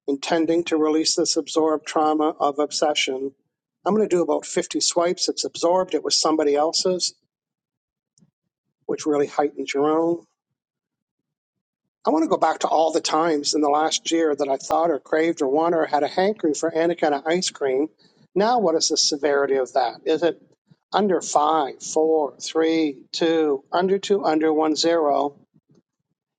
A: intending to release this absorbed trauma of obsession. I'm gonna do about 50 swipes. It's absorbed. It was somebody else's. which really heightened your own. I want to go back to all the times in the last year that I thought or craved or wanted or had a hankering for any kind of ice cream. Now, what is the severity of that? Is it under five, four, three, two, under two, under one, zero?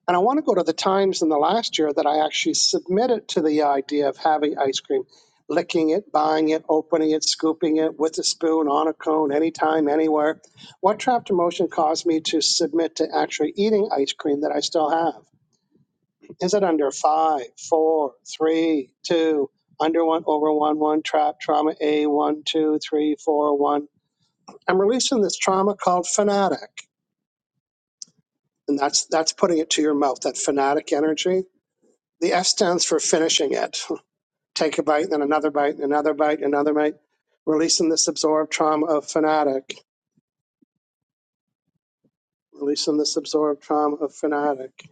A: And I want to go to the times in the last year that I actually submitted to the idea of having ice cream, licking it, buying it, opening it, scooping it with a spoon, on a cone, anytime, anywhere. What trapped emotion caused me to submit to actually eating ice cream that I still have? Is it under five, four, three, two, under one, over one, one, trap, trauma A, one, two, three, four, one? I'm releasing this trauma called fanatic. And that's that's putting it to your mouth, that fanatic energy The F stands for finishing it. Take a bite, then another bite, another bite, another bite. Releasing this absorbed trauma of fanatic. Releasing this absorbed trauma of fanatic.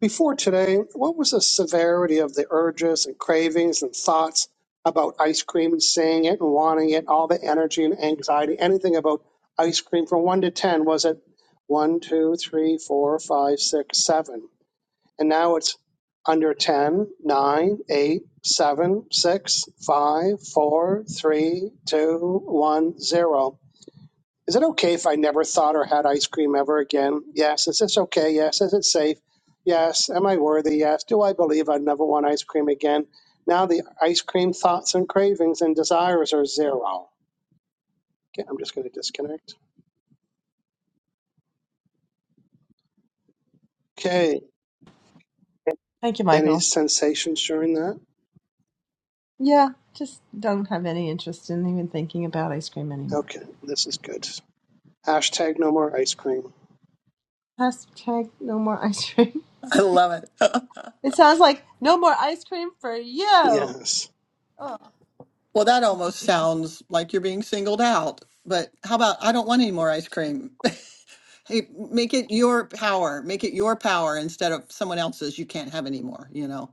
A: Before today, what was the severity of the urges and cravings and thoughts about ice cream and seeing it and wanting it, all the energy and anxiety, anything about ice cream from 1 to 10? Was it one, two, three, four, five, six, seven? And now it's under ten, nine, eight, seven, six, five, four, three, two, one, zero. Is it okay if I never thought or had ice cream ever again? Yes. Is this okay? Yes. Is it safe? Yes. Am I worthy? Yes. Do I believe I'd never want ice cream again? Now the ice cream thoughts and cravings and desires are zero. Okay, I'm just going to disconnect. Okay.
D: Thank you,
A: Any
D: Michael.
A: sensations during that?
D: Yeah, just don't have any interest in even thinking about ice cream anymore.
A: Okay, this is good. Hashtag no more ice cream.
D: Hashtag no more ice cream.
B: I love it.
D: It sounds like no more ice cream for you.
A: Yes.
D: Oh,
B: well, that almost sounds like you're being singled out. But how about I don't want any more ice cream? hey, make it your power. Make it your power instead of someone else's. You can't have any more. You know,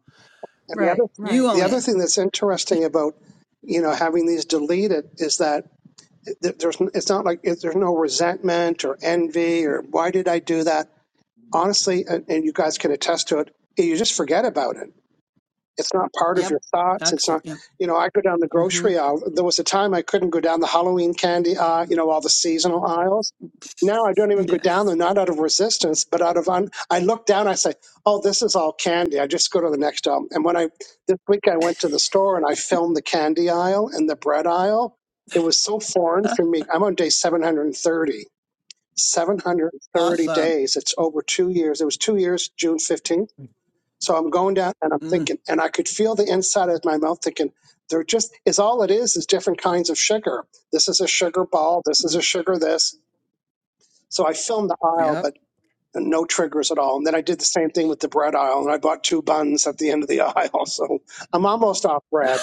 A: And the other,
D: right, right.
B: you
A: the
B: own
A: other
B: it.
A: thing that's interesting about, you know, having these deleted is that th- there's, it's not like there's no resentment or envy or why did I do that? Honestly, and, and you guys can attest to it, you just forget about it. It's not part of
B: Yep.
A: your thoughts. It's not,
B: Excellent. Yeah.
A: you know, I go down the
B: Mm-hmm.
A: grocery aisle. There was a time I couldn't go down the Halloween candy, aisle, you know, all the seasonal aisles. Now I don't even go down
B: Yes.
A: there, not out of resistance, but out of, un- I look down, I say, oh, this is all candy. I just go to the next aisle. And when I, this week I went to the store and I filmed the candy aisle and the bread aisle. It was so foreign for
B: Ah,
A: me. I'm on day 730, seven hundred thirty
B: Awesome.
A: days. It's over two years. It was two years, June 15th so I'm going down and I'm
B: Mm.
A: thinking, and I could feel the inside of my mouth thinking, they're just, is all it is, is different kinds of sugar. This is a sugar ball. This is
B: mm,
A: a sugar this. So I filmed the aisle,
B: Yep.
A: but no triggers at all. And then I did the same thing with the bread aisle, and I bought two buns at the end of the aisle. So I'm almost off bread,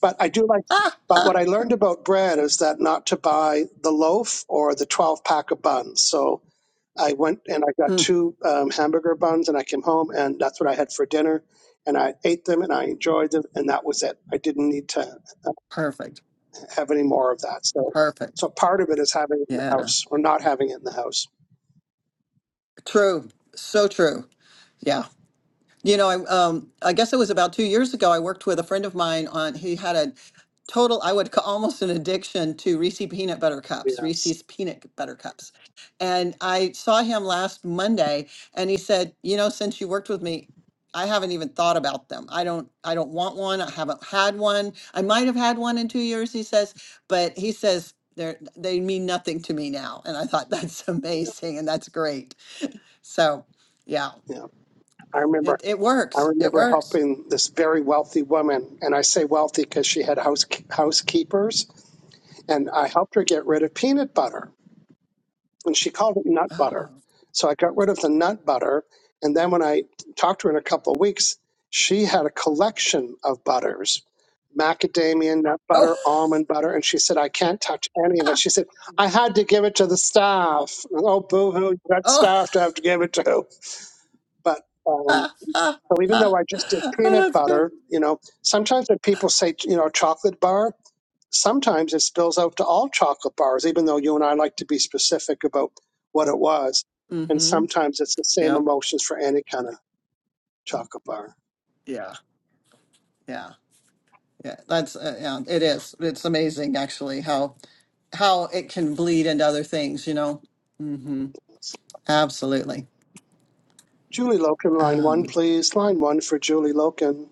A: but I do like,
B: Ah,
A: but
B: ah.
A: what I learned about bread is that not to buy the loaf or the 12 pack of buns. So I went and I got
B: Mm.
A: two um, hamburger buns and I came home and that's what I had for dinner. And I ate them and I enjoyed them and that was it. I didn't need to uh,
B: Perfect.
A: have any more of that. So,
B: Perfect.
A: so part of it is having it in the
B: Yeah.
A: house or not having it in the house.
B: True. So true. Yeah. You know, I um I guess it was about two years ago. I worked with a friend of mine on he had a total I would ca- almost an addiction to Reese peanut butter cups,
A: Yes.
B: Reese's peanut butter cups. And I saw him last Monday and he said, "You know, since you worked with me, I haven't even thought about them. I don't I don't want one. I haven't had one. I might have had one in two years," he says, but he says they're they mean nothing to me now. And I thought that's amazing and that's great. So, yeah.
A: Yeah. I
B: Uh,
A: remember,
B: It it
A: I
B: works. It
A: remember
B: works.
A: helping this very wealthy woman and I say wealthy because she had house, housekeepers and I helped her get rid of peanut butter and she called it nut
B: Oh.
A: butter. So I got rid of the nut butter. And then when I talked to her in a couple of weeks, she had a collection of butters macadamia nut
B: Oh.
A: butter, almond butter. And she said, I can't touch any of it. She said, I had to give it to the staff. Oh, boo hoo, you got
B: Oh.
A: staff to have to give it to. But um, so even
B: Oh,
A: though I just did peanut
B: that's good.
A: butter, you know, sometimes when people say, you know, chocolate bar, sometimes it spills out to all chocolate bars, even though you and I like to be specific about what it was. And
B: Mm-hmm.
A: sometimes it's the same
B: Yep.
A: emotions for any kind of chocolate bar.
B: Yeah. Yeah. Yeah. That's uh, yeah, it is. It's amazing actually how how it can bleed into other things, you know. Mm-hmm. Absolutely.
A: Julie Loken, line one,
B: Um,
A: please. Line one for Julie Loken.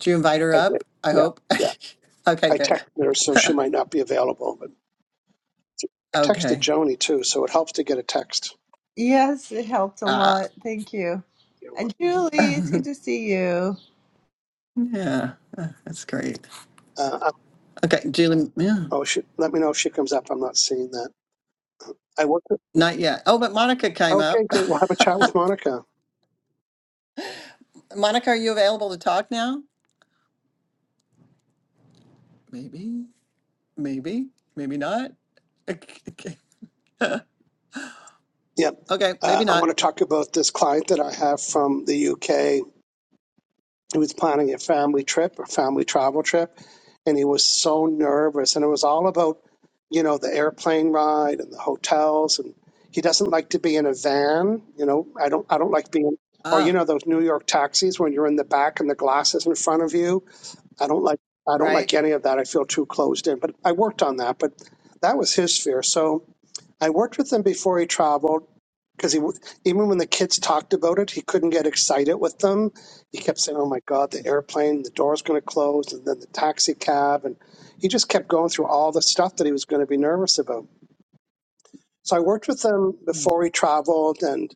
B: do you invite her
A: I did.
B: up? I
A: Yeah,
B: hope.
A: yeah.
B: Okay,
A: I
B: good.
A: texted her, so she might not be available. But I texted
B: Okay.
A: Joni too, so it helps to get a text.
D: Yes, it helped a
B: ah
D: lot. Thank you.
A: You're welcome.
D: And Julie, it's good to see you.
B: yeah. Uh, That's great.
A: Uh, I-
B: Okay, Julie, yeah.
A: oh, she, let me know if she comes up. I'm not seeing that. I was
B: Not yet. Oh, but Monica came
A: Okay,
B: up.
A: great. We'll have a chat with Monica.
B: Monica, are you available to talk now? Maybe. Maybe, maybe not. Okay, okay,
A: Yeah.
B: Okay,
A: Uh,
B: maybe
A: I want
B: not.
A: to talk about this client that I have from the UK was planning a family trip, a family travel trip. And he was so nervous. And it was all about, you know, the airplane ride and the hotels. And he doesn't like to be in a van. You know, I don't, I don't like being, or, you
B: Ah,
A: know, those New York taxis when you're in the back and the glass is in front of you. I don't like, I don't like
B: right.
A: any of that. I feel too closed in. But I worked on that. But that was his fear. So, I worked with him before he traveled because he w- even when the kids talked about it, he couldn't get excited with them. He kept saying, "Oh my God, the airplane, the door's going to close, and then the taxi cab," and he just kept going through all the stuff that he was going to be nervous about. So I worked with him
B: Hmm.
A: before he traveled, and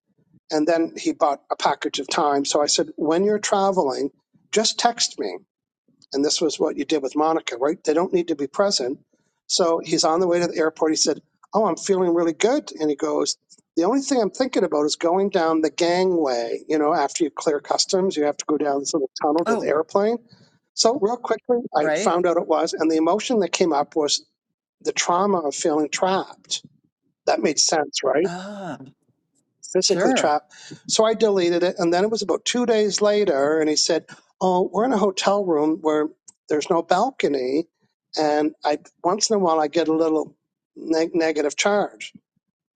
A: and then he bought a package of time. So I said, "When you're traveling, just text me." And this was what you did with Monica, right? They don't need to be present. So he's on the way to the airport. He said, Oh, I'm feeling really good. And he goes, The only thing I'm thinking about is going down the gangway. You know, after you clear customs, you have to go down this little tunnel to the
B: Oh,
A: airplane. So, real quickly, I
B: right.
A: found out it was. And the emotion that came up was the trauma of feeling trapped. That made sense, right?
B: Ah,
A: physically
B: sure.
A: trapped. So I deleted it. And then it was about two days later, and he said, Oh, we're in a hotel room where there's no balcony. And I once in a while I get a little neg- negative charge.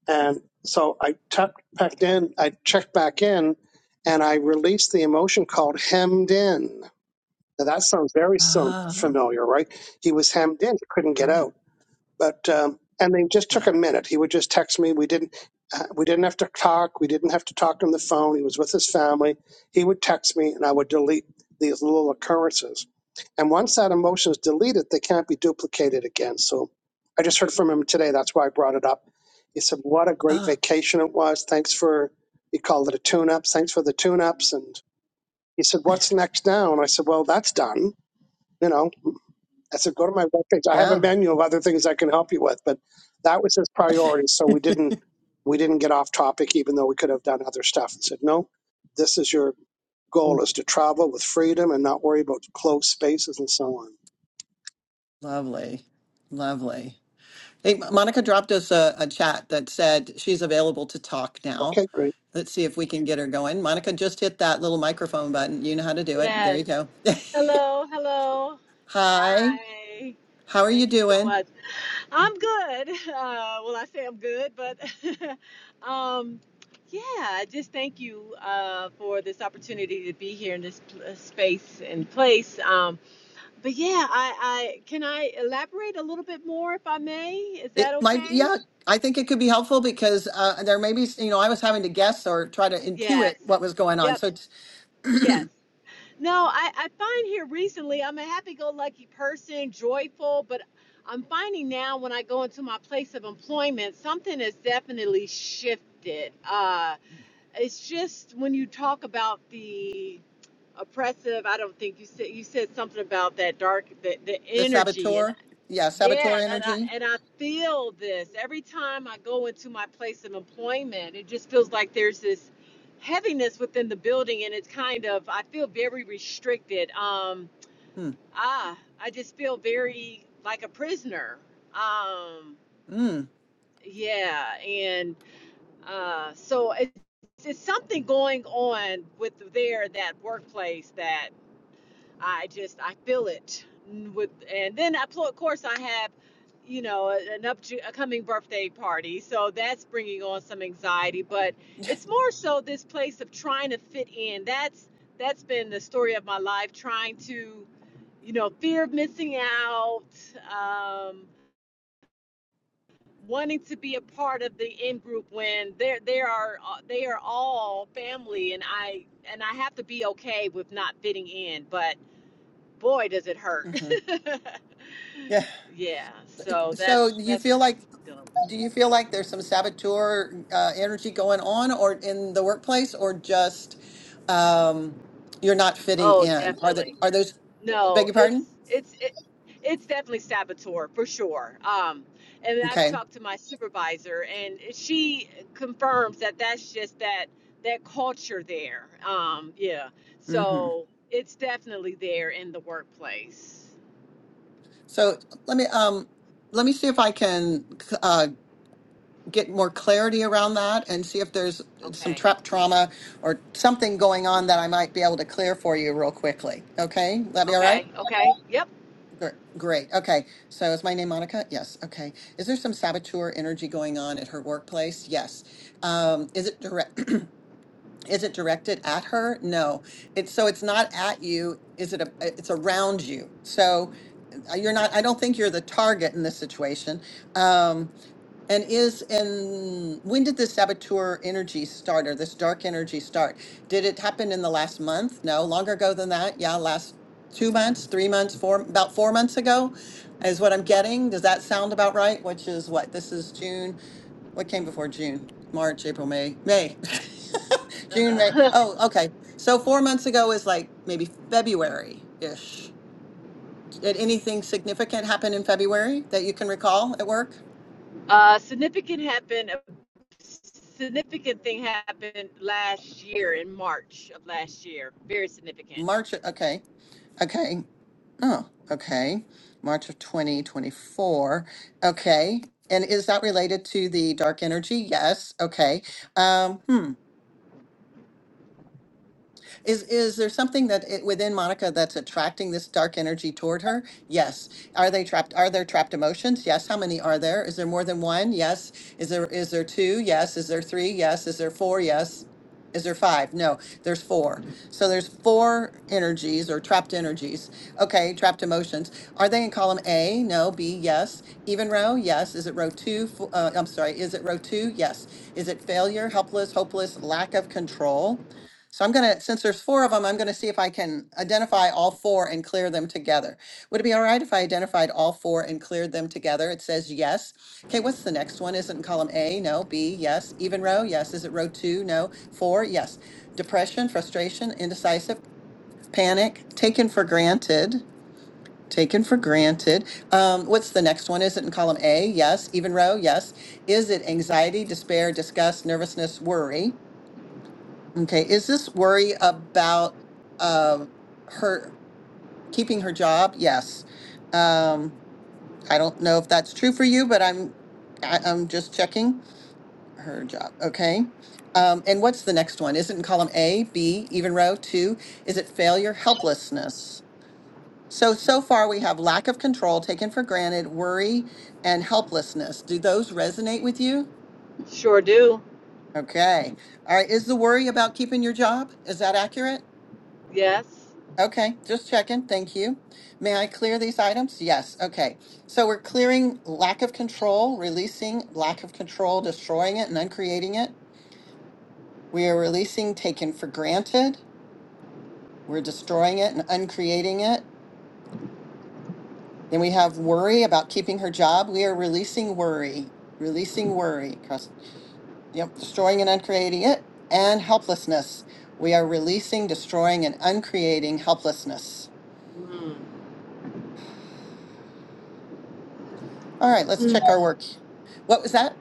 A: And so I tucked back in, I checked back in, and I released the emotion called hemmed in. Now that sounds very so
B: Ah,
A: familiar, right? He was hemmed in, he couldn't get
B: right.
A: out but um, and they just took
B: Yeah.
A: a minute. He would just text me. We didn't uh, we didn't have to talk. We didn't have to talk on the phone. He was with his family. He would text me, and I would delete these little occurrences. And once that emotion is deleted, they can't be duplicated again. So I just heard from him today. That's why I brought it up. He said, "What a great
B: Ah,
A: vacation it was. Thanks for." He called it a tune-up. Thanks for the tune-ups. And he said, "What's next now?" And I said, "Well, that's done. You know, I said, go to my webpage. I have a
B: yeah.
A: menu of other things I can help you with, but that was his priority. So we didn't we didn't get off topic, even though we could have done other stuff. I said, no, this is your goal is to travel with freedom and not worry about closed spaces and so on.
B: Lovely. Lovely. Hey, Mo- Monica dropped us a, a chat that said she's available to talk now.
A: Okay, great.
B: Let's see if we can get her going. Monica, just hit that little microphone button. You know how to do it. There
E: Yes.
B: you go.
E: Hello, hello.
B: Hi.
E: Hi.
B: How are you
E: Thank you so
B: doing?
E: much. I'm good. Uh, well, I say I'm good, but um, yeah, I just thank you uh, for this opportunity to be here in this pl- uh, space and place. Um, but yeah, I, I can I elaborate a little bit more if I may? Is that
B: It might,
E: okay?
B: yeah, I think it could be helpful because uh, there may be, you know, I was having to guess or try to
E: Yes.
B: intuit what was going on.
E: Yep.
B: So it's
E: Yes. No, I, I find here recently I'm a happy go lucky person, joyful, but I'm finding now when I go into my place of employment, something has definitely shifted. Uh, it's just when you talk about the oppressive, I don't think you said you said something about that dark the, the
B: the
E: energy.
B: saboteur, yeah,
E: Yeah,
B: saboteur
E: and I,
B: energy.
E: and I feel this every time I go into my place of employment. It just feels like there's this heaviness within the building, and it's kind of I feel very restricted. Um,
B: Hmm.
E: ah, I just feel very like a prisoner. Um,
B: Mm. hmm
E: yeah, and uh, so it's it's something going on with there that workplace that. I just I feel it with, and then of course I have, you know, a- an upcoming birthday party, so that's bringing on some anxiety. But it's more so this place of trying to fit in. That's that's been the story of my life, trying to, you know, fear of missing out, um, wanting to be a part of the in group when they are they are uh, they are all family, and I and I have to be okay with not fitting in, but boy, does it hurt.
B: Mm-hmm. Yeah.
E: yeah. So
B: So
E: that's
B: do you
E: that's what
B: feel like
E: I'm dealing with.
B: do you feel like there's some saboteur uh, energy going on or in the workplace or just um, you're not fitting
E: Oh,
B: in? Are the
E: definitely.
B: are those beg
E: No,
B: your
E: it's
B: pardon?
E: it's it, it's definitely saboteur for sure. Um, and I've
B: Okay.
E: talked to my supervisor, and she confirms that that's just that that culture there. Um, yeah.
B: hmm
E: So it's definitely there in the workplace.
B: So let me um let me see if I can uh, get more clarity around that and see if there's some
E: Okay.
B: trap trauma or something going on that I might be able to clear for you real quickly. Okay, that be all right?
E: Okay. Okay. Yep.
B: Gr- Great. Okay. So is my name Monica? Yes. Okay. Is there some saboteur energy going on at her workplace? Yes. Um, is it direct? Is it directed at her? No. It's so it's not at you. Is it a? It's around you. So uh, you're not. I don't think you're the target in this situation. Um, and is and when did the saboteur energy start or this dark energy start? Did it happen in the last month? No, longer ago than that. Yeah, last two months, three months, four about four months ago is what I'm getting. Does that sound about right? Which is what? This is June. What came before June? March, April, May. May. June, May. Oh, okay. So four months ago is like maybe February-ish. Did anything significant happen in February that you can recall at work?
E: Uh, significant happened. significant thing happened last year in March of last year. Very significant.
B: March, okay. Okay. Oh, okay. March of 2024. Okay. And is that related to the dark energy? Yes. Okay. Um, hmm. Is is there something that it, within Monica that's attracting this dark energy toward her? Yes. Are they trapped? Are there trapped emotions? Yes. How many are there? Is there more than one? Yes. Is there is there two? Yes. Is there three? Yes. Is there four? Yes. Is there five? No, there's four. So there's four energies or trapped energies. Okay, trapped emotions. Are they in column A? No. B? Yes. Even row? Yes. Is it row two? Fo- Uh, I'm sorry. Is it row two? Yes. Is it failure, helpless, hopeless, lack of control? So I'm gonna, since there's four of them, I'm gonna see if I can identify all four and clear them together. Would it be all right if I identified all four and cleared them together? It says yes. Okay, what's the next one? Is it in column A? No. B, yes. Even row? Yes. Is it row two? No. Four? Yes. Depression, frustration, indecisive, panic, taken for granted. Taken for granted. Um, what's the next one? Is it in column A? Yes. Even row? Yes. Is it anxiety, despair, disgust, nervousness, worry? Okay, is this worry about um, her keeping her job? Yes. Um, I don't know if that's true for you, but I'm I, I'm just checking her job. Okay. Um, and what's the next one? Is it in column A, B, even row two? Is it failure, helplessness? So so far we have lack of control, taken for granted, worry, and helplessness. Do those resonate with you?
E: Sure do.
B: Okay. All right. Is the worry about keeping your job? Is that accurate?
E: Yes.
B: Okay, just checking. Thank you. May I clear these items? Yes. Okay. So we're clearing lack of control, releasing lack of control, destroying it and uncreating it. We are releasing taken for granted. We're destroying it and uncreating it. Then we have worry about keeping her job. We are releasing worry, releasing worry. 'cause- Yep, destroying and uncreating it. And helplessness. We are releasing, destroying, and uncreating helplessness.
E: Mm.
B: All right, let's
E: Mm.
B: check
E: Uh,
B: our work. What was that?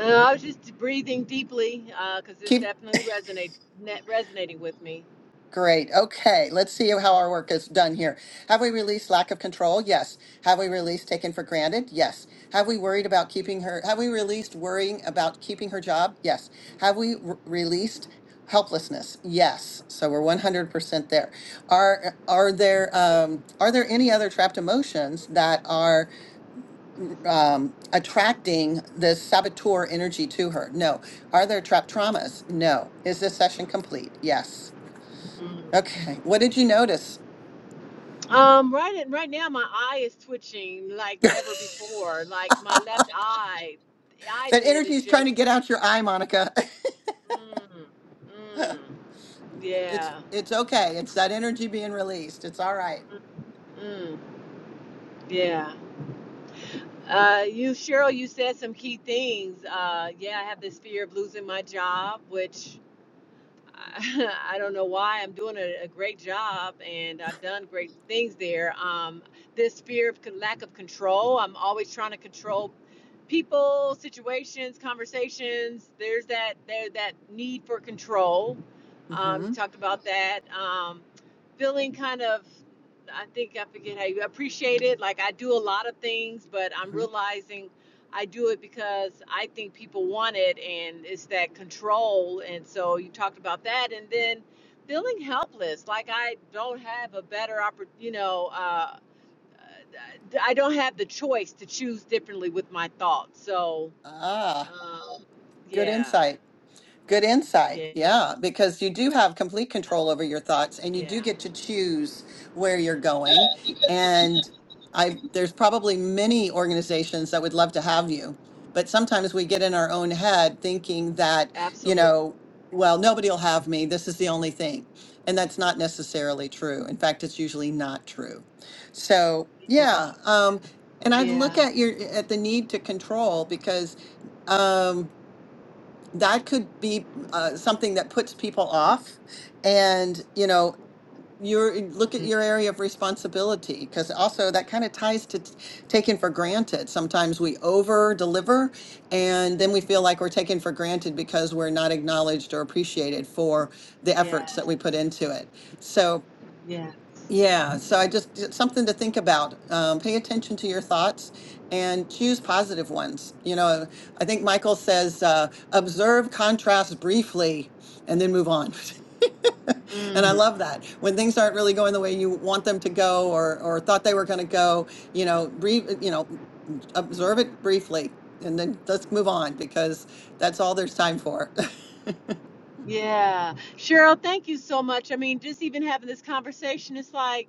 E: I was just breathing deeply because this definitely resonate net resonating with me.
B: Great. Okay. Let's see how our work is done here. Have we released lack of control? Yes. Have we released taken for granted? Yes. Have we worried about keeping her? Have we released worrying about keeping her job? Yes. Have we re- released helplessness? Yes. So we're 100% there. Are are there um are there any other trapped emotions that are um attracting this saboteur energy to her? No. Are there trapped traumas? No. Is this session complete? Yes.
E: Mm.
B: Okay. What did you notice?
E: Um, right right now my eye is twitching like
B: that
E: never before. Like my left eye, the eyelid
B: energy
E: is
B: is trying to
E: just.
B: get out your eye, Monica.
E: Mm, mm,
B: it's
E: yeah.
B: it's okay. It's that energy being released. It's all right.
E: Mm, mm, yeah. Uh, you, Cheryl, you said some key things. Uh, yeah, I have this fear of losing my job, which I, I don't know why I'm doing a, a great job and I've done great things there. Um, this fear of con- lack of control, I'm always trying to control people, situations, conversations. There's that there that need for control. Um,
B: Mm-hmm.
E: you talked about that. Um, feeling kind of, I think I forget how you appreciate it. Like I do a lot of things, but I'm
B: mm-hmm.
E: realizing I do it because I think people want it and it's that control. And so you talked about that. And then feeling helpless, like I don't have a better oppor- you know, uh, I don't have the choice to choose differently with my thoughts. So,
B: Ah,
E: um,
B: good
E: yeah,
B: insight. Good insight.
E: yeah,
B: Yeah, because you do have complete control over your thoughts and you
E: yeah,
B: do get to choose where you're going. And I there's probably many organizations that would love to
E: yeah,
B: have you. But sometimes we get in our own head thinking that, you
E: absolutely.
B: know, well, nobody'll have me. This is the only thing. And that's not necessarily true. In fact, it's usually not true. So,
E: Yeah,
B: yeah, um and I'd look
E: yeah,
B: at your at the need to control because um that could be uh, something that puts people off and you know your look at
E: mm,
B: your area of responsibility because also that kind of ties to t- taken for granted sometimes we over deliver and then we feel like we're taken for granted because we're not acknowledged or appreciated for the efforts
E: yes,
B: that we put into it so
E: yes.
B: yeah, so I just just something to think about. Um, pay attention to your thoughts and choose positive ones. You know, I think Michael says, uh, observe contrast briefly and then move on. And I
E: Mm,
B: love that. When things aren't really going the way you want them to go or or thought they were going to go, you know, breathe, you know, observe it briefly and then let's move on because that's all there's time for.
E: yeah. Cheryl, thank you so much. I mean, just even having this conversation, it's like,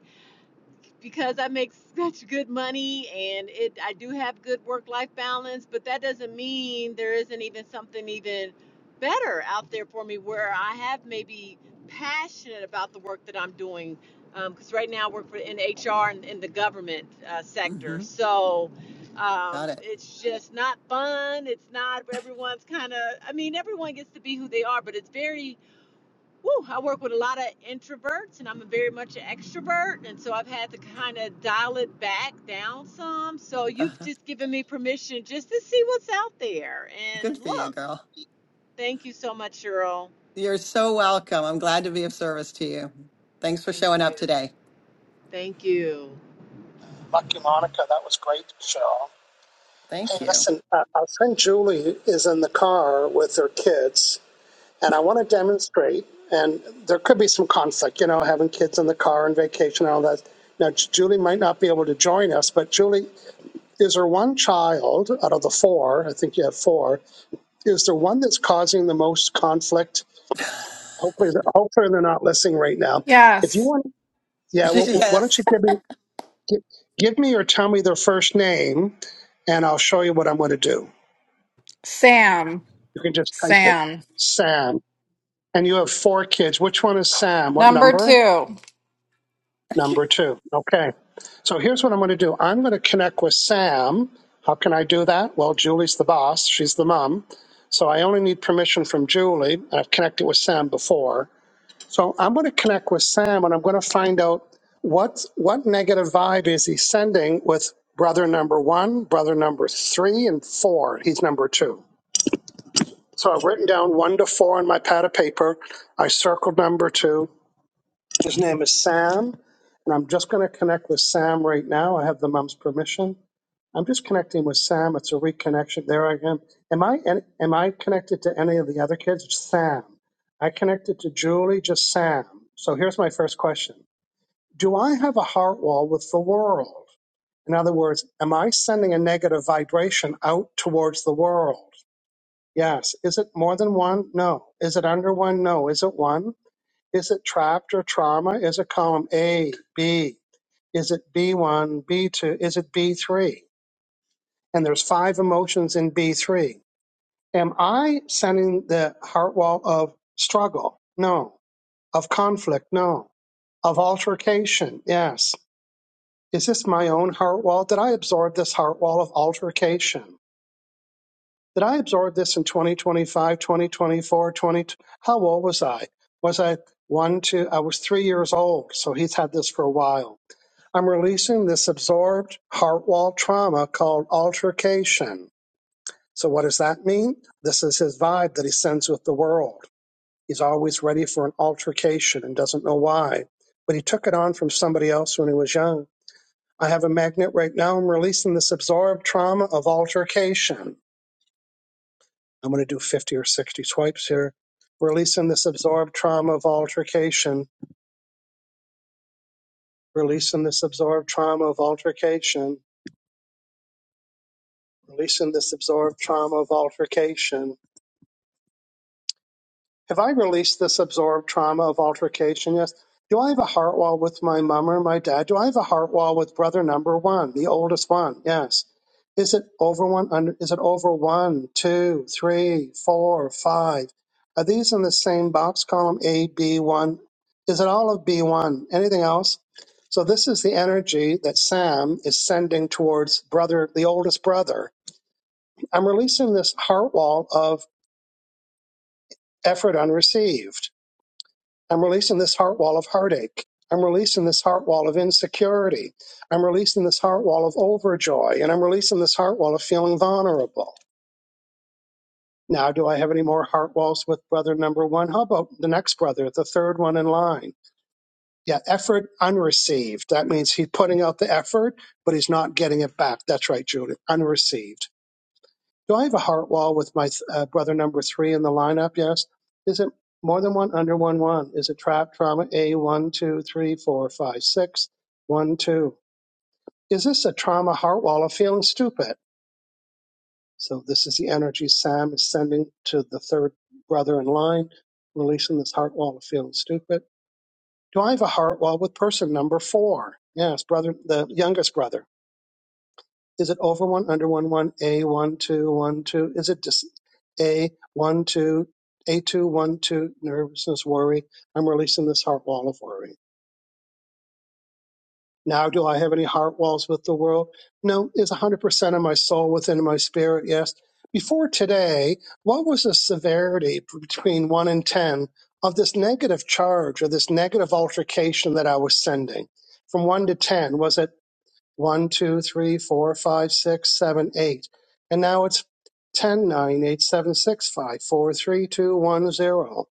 E: because I make such good money and it I do have good work life balance, but that doesn't mean there isn't even something even better out there for me where I have maybe passionate about the work that I'm doing. Because um, right now I work for, in HR and in the government uh, sector,
B: hmm
E: so um,
B: Got it.
E: it's just not fun. It's not everyone's kind of. I mean, everyone gets to be who they are, but it's very Woo, I work with a lot of introverts and I'm a very much an extrovert. And so I've had to kind of dial it back down some. So you've
B: Uh-huh.
E: just given me permission just to see what's out there. And
B: Good for you,
E: look,
B: girl.
E: thank you so much, Cheryl.
B: You're so welcome. I'm glad to be of service to you. Thanks for
E: Thank
B: showing up
E: you.
B: today.
E: Thank you.
A: Lucky Monica, that was great, Michelle. Hey,
B: Thank you.
A: listen, uh, our friend Julie is in the car with her kids. and I want to demonstrate. And there could be some conflict, you know, having kids in the car and vacation and all that. Now, Julie might not be able to join us, but Julie, is there one child out of the four? I think you have four. Is there one that's causing the most conflict? Hopefully, they're- hopefully they're not listening right now. If you
F: Yes,
A: want, yeah, well, why don't you
B: yes.
A: give me give, give me or tell me their first name, and I'll show you what I'm going to do.
F: Sam.
A: You can just type it,
F: Sam.
A: Sam. And you have four kids. Which one is Sam? What
F: Number
A: number?
F: two.
A: Number two. Okay. So here's what I'm going to do. I'm going to connect with Sam. How can I do that? Well, Julie's the boss. She's the mom. So I only need permission from Julie. I've connected with Sam before. So I'm going to connect with Sam and I'm going to find out what what negative vibe is he sending with brother number one, brother number three, and four. He's number two. So I've written down one to four on my pad of paper. I circled number two. His name is Sam, and I'm just going to connect with Sam right now. I have the mom's permission. I'm just connecting with Sam. It's a reconnection. There I am. Am I an- am I connected to any of the other kids? Just Sam. I connected to Julie. Just Sam. So here's my first question: Do I have a heart wall with the world? In other words, am I sending a negative vibration out towards the world? Yes. Is it more than one? No. Is it under one? No. Is it one? Is it trapped or trauma? Is it column A, B? Is it B1, B2? Is it B3? And there's five emotions in B3. Am I sending the heart wall of struggle? No. Of conflict? No. Of altercation? Yes. Is this my own heart wall? Did I absorb this heart wall of altercation? Did I absorb this in 2025, 2024, 20? How old was I? Was I one, two? I was three years old, so he's had this for a while I'm releasing this absorbed heart wall trauma called altercation. So, what does that mean? This is his vibe that he sends with the world. He's always ready for an altercation and doesn't know why. But he took it on from somebody else when he was young. I have a magnet right now. I'm releasing this absorbed trauma of altercation. I'm going to do 50 or 60 swipes here. Releasing this absorbed trauma of altercation. Releasing this absorbed trauma of altercation releasing this absorbed trauma of altercation. Have I released this absorbed trauma of altercation? Yes. Do I have a heart wall with my mom or my dad? Do I have a heart wall with brother number one, the oldest one? Yes. Is it over one? Under, is it over one, two, three, four, five? Are these in the same box column A, B, one? Is it all of B one? Anything else? So this is the energy that Sam is sending towards brother, the oldest brother I'm releasing this heart wall of effort unreceived. I'm releasing this heart wall of heartache. I'm releasing this heart wall of insecurity. I'm releasing this heart wall of overjoy. And I'm releasing this heart wall of feeling vulnerable. Now, do I have any more heart walls with brother number one? How about the next brother, the third one in line? Yeah, effort unreceived. That means he's putting out the effort, but he's not getting it back. That's right, Julie. Unreceived. Do I have a heart wall with my uh, brother number three in the lineup? Yes. Is it more than one under one one? Is it trap trauma A one two three four five six one two? Is this a trauma heart wall of feeling stupid? So this is the energy Sam is sending to the third brother in line, releasing this heart wall of feeling stupid. Do I have a heart wall with person number four? Yes, brother, the youngest brother. Is it over one, under one, one, A, one, two, one, two? Is it just A, one, two, A, two, one, two, nervousness, worry? I'm releasing this heart wall of worry. Now, do I have any heart walls with the world? No. Is 100% of my soul within my spirit? Yes. Before today, what was the severity between 1 and 10 of this negative charge or this negative altercation that I was sending? From 1 to 10, was it one, two, three, four, five, six, seven, eight. And now it's ten nine eight seven six five four three two one zero.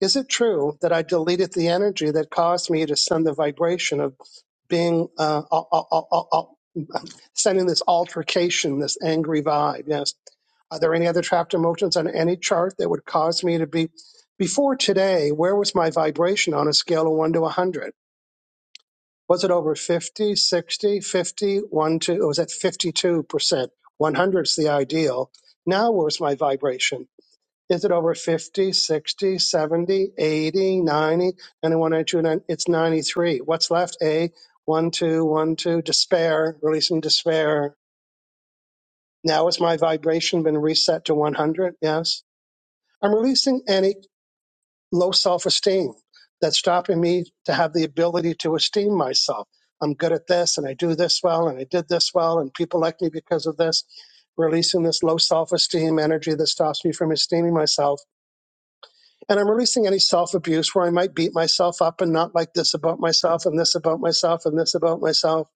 A: Is it true that I deleted the energy that caused me to send the vibration of being uh, uh, uh, uh, uh, uh, sending this altercation, this angry vibe? Yes. Are there any other trapped emotions on any chart that would cause me to be before today? Where was my vibration on a scale of one to a hundred? was it over 50, 60, 2? It was at 52%. 100 is the ideal. Now, where's my vibration? Is it over fifty, sixty, seventy, eighty, ninety, ninety one, ninety two, ninety? It's 93. What's left? A, one two, one two. despair, releasing despair. Now, has my vibration been reset to 100? Yes. I'm releasing any low self esteem that's stopping me to have the ability to esteem myself. I'm good at this and I do this well and I did this well and people like me because of this. Releasing this low self esteem energy that stops me from esteeming myself. And I'm releasing any self abuse where I might beat myself up and not like this about myself and this about myself and this about myself.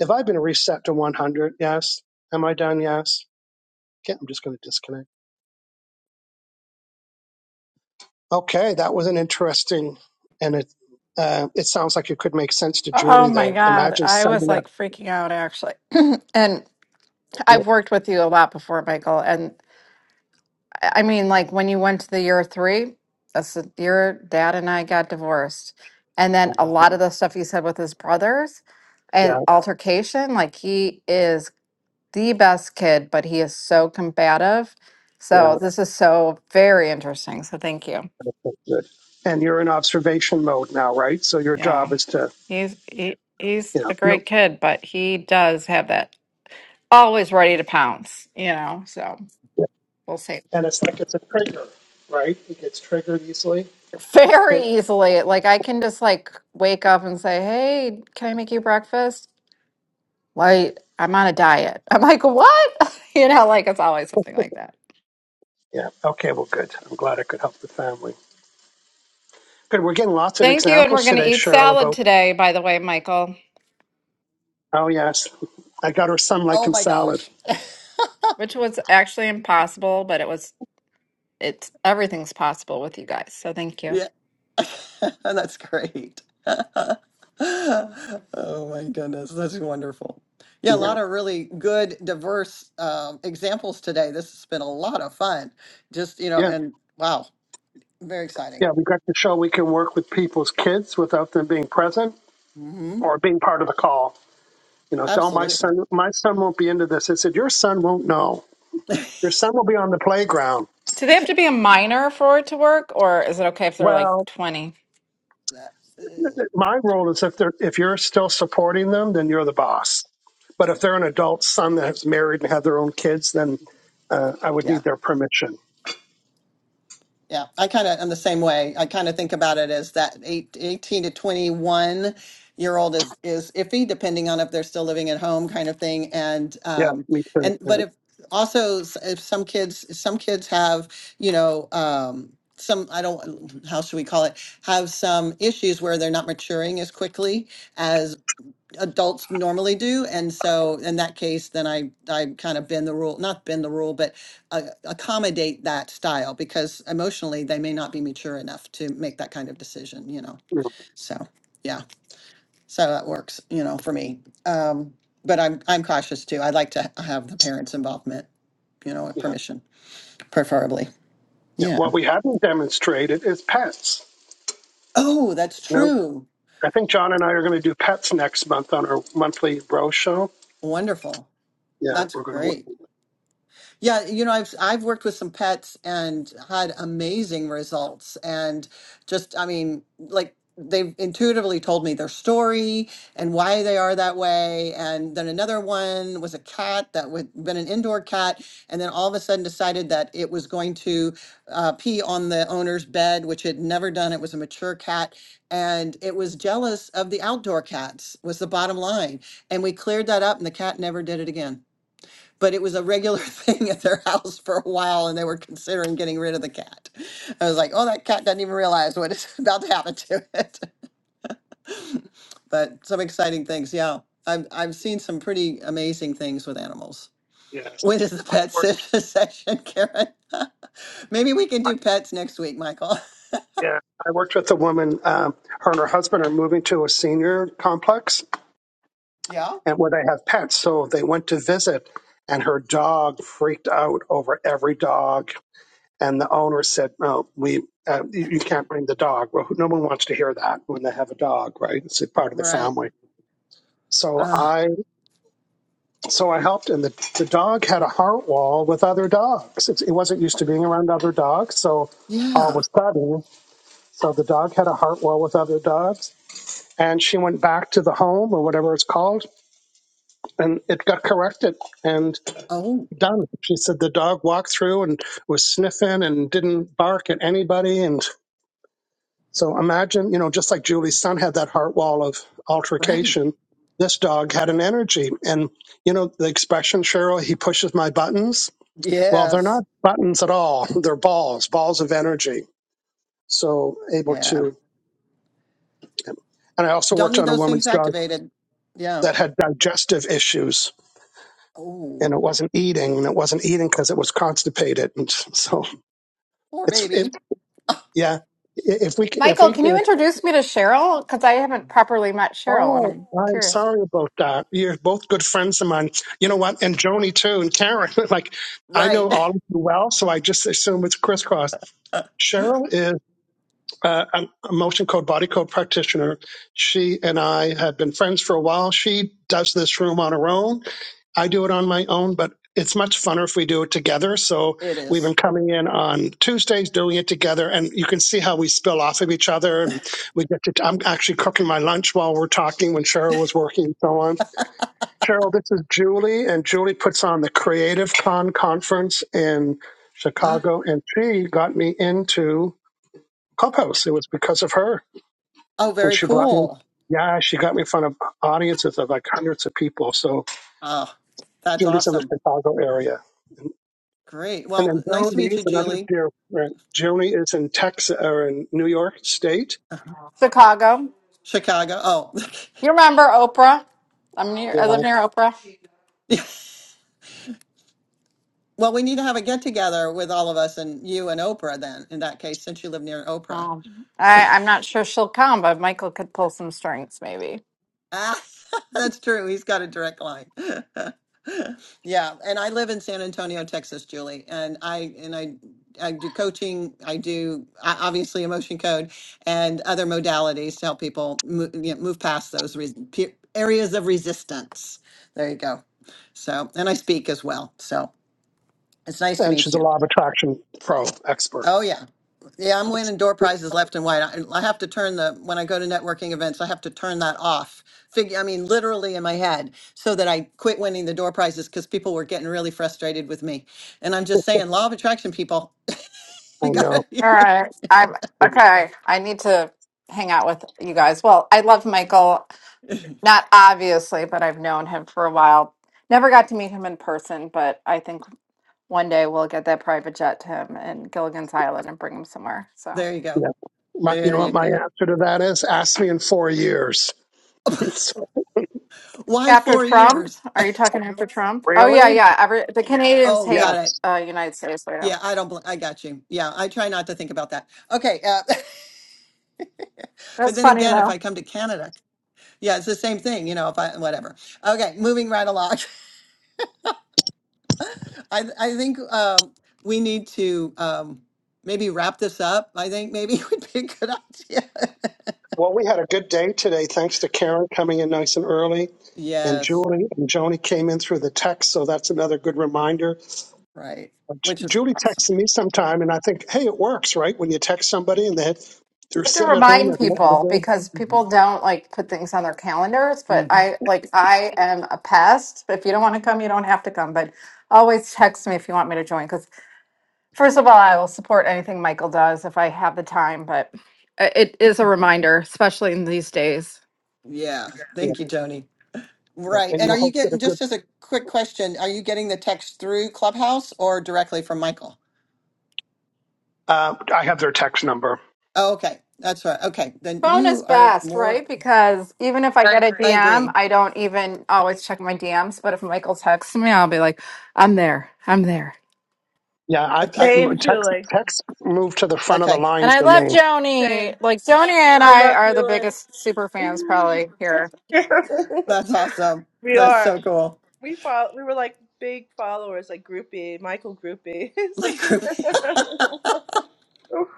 A: Have I been reset to 100? Yes. Am I done? Yes. Okay, I'm just going to disconnect. Okay, that was an interesting, and it uh, it sounds like it could make sense to
F: Oh
A: Julie
F: my
A: there.
F: God.
A: Imagine
F: I was
A: sending that.
F: like freaking out actually. and I've worked with you a lot before, Michael. And I I mean, like when you went to the year three, that's the year dad and I got divorced. And then a lot of the stuff you said with his brothers
A: Yeah,
F: and altercation, like he is the best kid, but he is so combative.
A: yeah,
F: So this is so very interesting. So thank you.
A: that's good. And you're in observation mode now, right? So your
F: Yeah.
A: job is to,
F: He's he, he's
A: you know,
F: a
A: you
F: great kid, but he does have that always ready to pounce, you know. So
A: know,
F: we'll see.
A: and it's like it's a trigger, right? It gets triggered easily.
F: Very
A: Okay.
F: easily. Like I can just like wake up and say, Hey, can I make you breakfast? Like, I'm on a diet. I'm like, what? You know, like it's always something like that.
A: Yeah. Okay. Well, good. I'm glad I could help the family. Good. We're getting lots of
F: Thank you. And we're
A: examples
F: gonna
A: today,
F: eat
A: Cheryl,
F: salad
A: about
F: today, by the way, Michael.
A: oh yes, I got her sun like
B: Oh
A: in
B: my
A: salad.
B: gosh.
F: Which was actually impossible, but it was it's everything's possible with you guys. So thank you.
B: Yeah. that's great. oh my goodness. That's wonderful. Yeah, a
A: Yeah.
B: lot of really good, diverse um, examples today. This has been a lot of fun. Just, you know,
A: Yeah.
B: and wow, very exciting.
A: Yeah, we got to show we can work with people's kids without them being present
B: hmm
A: or being part of the call. You know, tell my
B: Absolutely.
A: son, my son won't be into this. I said, your son won't know. Your
B: That-
A: son will be on the playground.
F: Do they have to be a minor for it to work, or is it okay if they're like
A: Well,
F: 20?
A: my role is if they're if you're still supporting them, then you're the boss. But if they're an adult son that has married and had their own kids, then uh, I would
B: yeah.
A: need their permission.
B: Yeah, I kind of am the same way. I kind of think about it as that eight, 18 to 21 year old is is iffy depending on if they're still living at home kind of thing and
A: Yeah,
B: um
A: me too.
B: and
A: Yeah,
B: but if also s- if some kids some kids have, you know, um some I don't how should we call it have some issues where they're not maturing as quickly adults normally do. And so in that case, then I, I kind of bend the rule, not bend the rule, but uh, accommodate that style because emotionally they may not be mature enough to make that kind of decision, you know?
A: yeah,
B: So, yeah, so that works, you know, for me. Um, but I'm, I'm cautious too. I like to have the parents' involvement, you know, with
A: yeah.
B: permission, preferably.
A: yeah.
B: Yeah.
A: What we haven't demonstrated is pets.
B: Oh, that's true.
A: I think John and I are going to do pets next month on our monthly bro show.
B: Wonderful.
A: Yeah,
B: That's
A: we're going to. work.
B: great. Yeah, you know, I've I've worked with some pets and had amazing results and just I mean, like they've intuitively told me their story and why they are that way. And then another one was a cat that would been an indoor cat and then all of a sudden decided that it was going to uh, pee on the owner's bed, which it had never done. It was a mature cat and it was jealous of the outdoor cats was the bottom line. And we cleared that up and the cat never did it again but it was a regular thing at their house for a while and they were considering getting rid of the cat. I was like, oh, that cat doesn't even realize what is about to happen to it. But some exciting things, yeah. I've, I've seen some pretty amazing things with animals.
A: Yes,
B: When is the
A: I
B: pet
A: worked.
B: sit- session, Karen? Maybe we can
A: I,
B: do pets next week, Michael.
A: yeah, I worked with a woman. Um, her and her husband are moving to a senior complex,
B: Yeah.
A: and where they have pets. So they went to visit, and her dog freaked out over every dog. And the owner said, "No, we uh, you, you can't bring the dog." Well, no one wants to hear that when they have a dog, right? It's a part of the
B: Right.
A: family. So
B: Uh,
A: I. So I helped, and the, the dog had a heart wall with other dogs. It, it wasn't used to being around other dogs, so all of
B: yeah.
A: a sudden, so the dog had a heart wall with other dogs. And she went back to the home or whatever it's called, and it got corrected and
B: Oh,
A: done. She said the dog walked through and was sniffing and didn't bark at anybody. And so imagine, you know, just like Julie's son had that heart wall of
B: right.
A: altercation, this dog had an energy. And, you know, the expression, Cheryl, he pushes my buttons Well, they're not
B: Yes.
A: buttons at all. They're balls, balls of energy. So able
B: Yeah.
A: to. And I also
B: Don't
A: worked
B: need
A: on a
B: those things
A: woman's dog
B: activated. Yeah.
A: that had digestive issues
B: Oh,
A: and it wasn't eating and it wasn't eating because it was constipated. And so
B: poor
A: it's, it,
B: baby.
A: yeah. If we, if
F: Michael,
A: we,
F: can you
A: if,
F: introduce me to Cheryl? Because I haven't properly met Cheryl, and
A: oh,
F: I'm
A: I'm
F: curious.
A: sorry about that. You're both good friends of mine. You know what? And Joni too, and Karen. Like, I
B: Right.
A: know all of you well, so I just assume it's crisscross.
B: Uh,
A: Cheryl is. uh, a motion code body code practitioner. She and I had been friends for a while. She does this room on her own. I do it on my own, but it's much funner if we do it together. So
B: It
A: we've
B: is.
A: been coming in on Tuesdays doing it together, and you can see how we spill off of each other. And we get to, I'm actually cooking my lunch while we're talking when Cheryl was working and so on. Cheryl, this is Julie, and Julie puts on the Creative Con conference in
B: uh,
A: Chicago, and she got me into Clubhouse. It was because of her
B: oh,
A: and
B: very
A: she brought me.
B: cool.
A: Yeah, she got me in front of audiences of like hundreds of people. So
B: Oh, that's
A: Julie's in the
B: awesome.
A: Chicago area, and,
B: Great. Well,
A: then
B: nice to
A: Joni
B: meet
A: is
B: you,
A: another
B: Julie.
A: dear friend. Joni is in Texas or in New York
B: Ch-
A: State.
B: uh-huh.
F: Chicago.
B: Chicago. Oh,
F: You remember Oprah? I'm near.
A: Yeah,
F: I live near Oprah.
B: yeah. Well, we need to have a get together with all of us and you and Oprah then, in that case, since you live near Oprah.
F: Oh, I, I'm not sure she'll come, but Michael could pull some strings, maybe.
B: Ah, that's true. He's got a direct line. Yeah, and I live in San Antonio, Texas, Julie, and I and I I do coaching. I do uh, obviously emotion code and other modalities to help people move, you know, move past those re pe areas of resistance. There you go. So, and I speak as well. So, it's nice to
A: and
B: meet
A: she's a
B: you.
A: law of attraction pro expert.
B: Oh, yeah. Yeah, I'm winning door
A: Yeah,
B: prizes left and right. I, I have to turn the, when I go to networking events, I have to turn that off. Figure, I mean, literally in my head, so that I quit winning the door prizes because people were getting really frustrated with me. And I'm just saying, law of attraction, people,
A: I
B: you
A: know.
B: got
F: All
B: it.
F: right. I'm okay. I need to hang out with you guys. Well, I love Michael. Not obviously, but I've known him for a while. Never got to meet him in person, but I think one day we'll get that private jet to him in Gilligan's Island and bring him somewhere. So.
B: There you go.
A: Yeah, my, you
B: There
A: know what
B: you
A: my
B: go.
A: answer to that is? Ask me in four years. So,
B: Why
F: After
B: four
F: Trump?
B: years?
F: Are you talking after Trump? Oh yeah,
A: really?
F: yeah. Every the Canadians
B: Oh,
F: hate
B: got it.
A: Yes.
F: uh, United States freedom.
B: Yeah, I don't, bl- I got you. Yeah, I try not to think about that. Okay. Uh, but
F: That's
B: then
F: funny
B: again, if
F: though.
B: I
F: You
B: come to Canada, yeah, it's the same thing, you know, if I, whatever. Okay, moving right along. I, th- I think um, we need to um, maybe wrap this up. I think maybe would be a good idea.
A: Well, we had a good day today, thanks to Karen coming in nice and early and
B: yes,
A: Julie and Joni came in through the text, so that's another good reminder
B: right. Which is
A: Julie
B: awesome.
A: texted me sometime, and I think, hey, it works, right? When you text somebody and they had, they're
F: have to
A: sitting at home, they've
F: remind
A: nothing to
F: people
A: do.
F: because
B: Mhm.
F: people don't like put things on their calendars. But
B: Mm.
F: I like I am a pest. If you don't want to come, you don't have to come. But always text me if you want me to join. Because first of all, I will support anything Michael does if I have the time. But uh, it is a reminder, especially in these days.
B: Yeah.
A: Yeah,
B: Thank you, Joni.
A: yeah.
B: Right.
A: and
B: And
A: you
B: are you
A: hosted a
B: getting,
A: good.
B: just as a quick question, are you getting the text through Clubhouse or directly from Michael?
A: Uh, I have their text number.
B: Oh, okay. That's right. Okay. Then
F: Phone is
B: you are
F: best,
B: more,
F: right? Because even if I Right. get a
B: I
F: DM,
B: agree.
F: I don't even always check my DMs. But if Michael texts me, I'll be like, I'm there. I'm there.
A: Yeah, I,
B: Okay.
A: I
D: Same,
A: text
D: Julie.
A: text moved to the front of the
B: Okay.
A: line
F: And I
A: for
F: love
A: me.
F: Joni.
D: Same.
F: Like, Joni and
D: I
F: I
D: love
F: are the
D: Julie.
F: biggest super fans probably here.
B: That's awesome.
D: we
B: That's
D: are.
B: so cool.
D: We follow. We were like big followers, like groupie, Michael groupie.
B: Like,
D: no,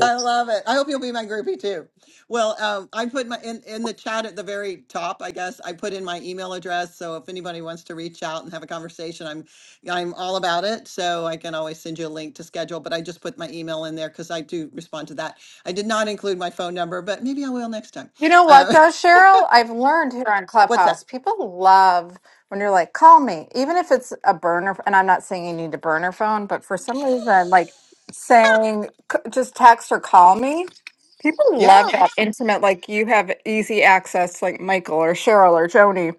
B: I love it. I hope you'll be my groupie too. Well, um, I put my in, in the chat at the very top, I guess. I put in my email address. So if anybody wants to reach out and have a conversation, I'm I'm all about it. So I can always send you a link to schedule, but I just put my email in there because I do respond to that. I did not include my phone number, but maybe I will next time.
F: You know what,
B: Uh,
F: though, Cheryl? I've learned here on
B: what's that?
F: Clubhouse, people love when you're like, call me, even if it's a burner. And I'm not saying you need a burner phone, but for some reason, like saying "C- just text or call me, people
B: Yeah.
F: love that intimate, like you have easy access, like Michael or Cheryl or Joni.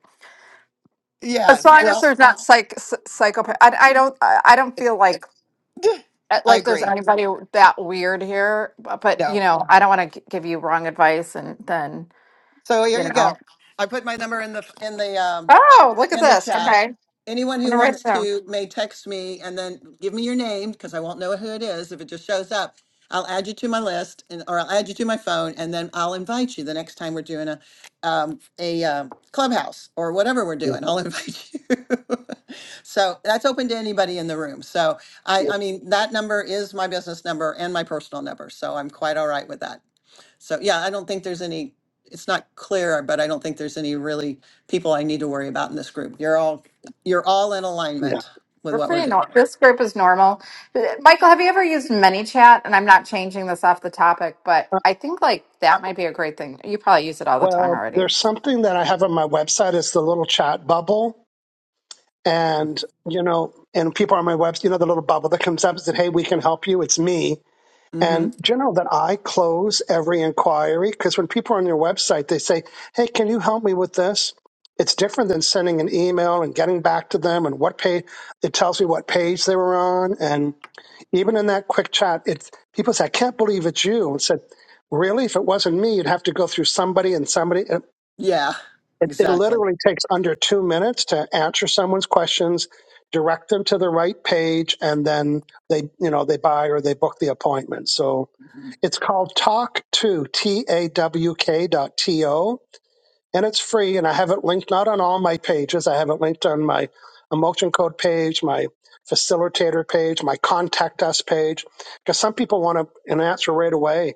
F: As
B: Yes.
F: long as
B: Well,
F: there's not psych psychopath, I, I don't, I I don't feel like uh,
B: I
F: like there's
B: agree.
F: anybody that weird here. But but, you
B: No.
F: know, I don't want to give you wrong advice, and then
B: So here
F: you
B: you
F: know.
B: go. I put my number in the in the um,
F: Oh, look at
B: in the
F: this.
B: chat.
F: Okay.
B: Anyone
F: I'm going
B: who
F: to write it
B: wants
F: down.
B: to may text me and then give me your name because I won't know who it is. If it just shows up, I'll add you to my list and or I'll add you to my phone and then I'll invite you the next time we're doing a um, a um clubhouse or whatever we're
A: yeah,
B: doing. I'll invite you. so that's open to anybody in the room. So I
A: yeah,
B: I mean that number is my business number and my personal number. So I'm quite all right with that. So yeah, I don't think there's any, it's not clear, but I don't think there's any really people I need to worry about in this group. You're all, you're all in
A: yeah.
B: alignment with
F: We're
B: what we're
F: pretty
B: doing.
F: normal. This group is normal. Uh, Michael, have you ever used ManyChat? And I'm not changing this off the topic, but I think like that might be a great thing. You probably use it all the time
A: Well, there's
F: already.
A: something that I have on my website. It's the little chat bubble. And, you know, and people on my website, you know, the little bubble that comes up and said, hey, we can help you. It's me.
B: hmm
A: And do you know that I close every inquiry? Because when people are on your website, they say, hey, can you help me with this? It's different than sending an email and getting back to them and what page it tells me what page they were on. And even in that quick chat, it's people say, I can't believe it's you. And said, really if it wasn't me you'd have to go through somebody and somebody
B: Yeah,
A: it, it
B: exactly.
A: literally takes under two minutes to answer someone's questions, direct them to the right page, and then they, you know, they buy or they book the appointment. So
B: hmm
A: it's called Talk to T A W K dot T O and it's free. And I have it linked not on all my pages. I have it linked on my emotion code page, my facilitator page, my contact us page, because some people want to, an answer right away.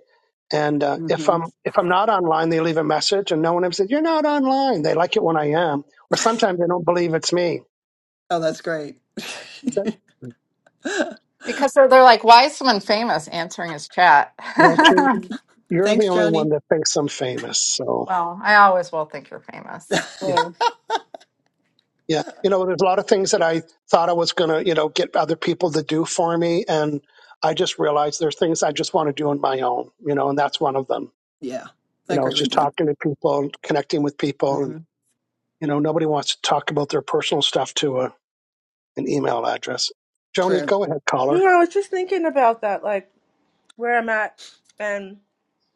A: And uh, if
B: hmm
A: I'm if I'm not online, they leave a message, and no one ever said you're not online. They like it when I am, or sometimes they don't believe it's me.
B: Oh, that's great.
A: So,
F: Because they're, they're like, why is someone famous answering his chat?
A: well, Drew,
F: well,
A: you're the
B: Thanks,
A: only one
B: Joni.
A: that thinks I'm famous, so
F: I always will think you're famous.
A: yeah.
F: Mm.
A: Yeah. You know, there's a lot of things that I thought I was going to, you know, get other people to do for me. And I just realized there's things I just want to do on my own, you know, and that's one of them.
B: Yeah, I
A: You know,
B: agree
A: it's just
B: with you.
A: talking to people, connecting with people. And,
B: hmm
A: you know, nobody wants to talk about their personal stuff to a, an email address. Joni,
B: True.
A: go ahead, caller.
D: I was just thinking about that, like where I'm at, and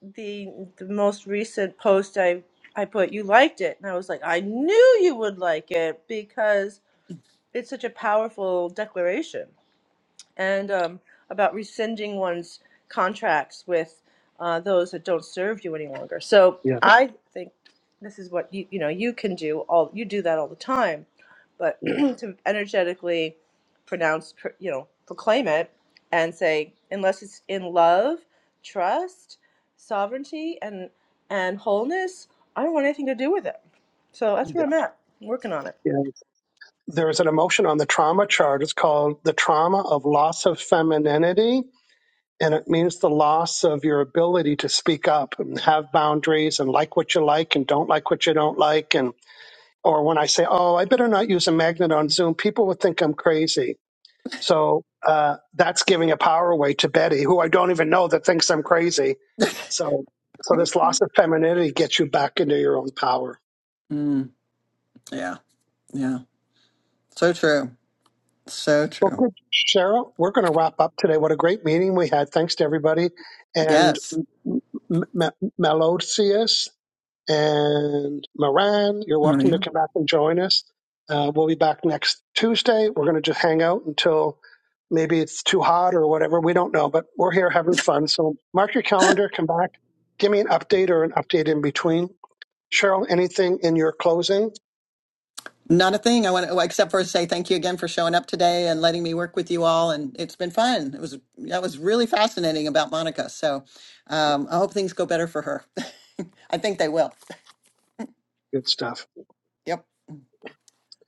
D: the the most recent post I I put. You liked it, and I was like, I knew you would like it because it's such a powerful declaration. and um, about rescinding one's contracts with uh, those that don't serve you any longer. So
A: Yeah.
D: I think this is what you you know you can do all you do that all the time, but
A: Yeah.
D: to energetically pronounce pr- you know proclaim it and say unless it's in love, trust, sovereignty, and and wholeness, I don't want anything to do with it. So that's
A: Yeah.
D: where I'm at, working on it.
A: yeah. There's an emotion on the trauma chart. It's called the trauma of loss of femininity. And it means the loss of your ability to speak up and have boundaries and like what you like and don't like what you don't like. And, or when I say, oh, I better not use a magnet on Zoom, people would think I'm crazy. So uh, that's giving a power away to Betty, who I don't even know that thinks I'm crazy. So, so this
B: Mhm.
A: loss of femininity gets you back into your own power.
B: Mm, yeah, yeah. So true. So
A: Well,
B: true.
A: good, Sarah. We're going to wrap up today. What a great meeting we had. Thanks to everybody. And
B: Yes,
A: M- M- M- Melodius and Moran, you're welcome to
B: Maria.
A: come back and join us. Uh, we'll be back next Tuesday. We're going to just hang out until maybe it's too hot or whatever. We don't know, but we're here having fun. So mark your calendar, come back, give me an update or an update in between. Cheryl, anything in your closing?
B: Not a thing. I want to, except for say thank you again for showing up today and letting me work with you all. And it's been fun. It was, that was really fascinating about Monica. So um, I hope things go better for her. I think they will.
A: Good stuff.
B: Yep.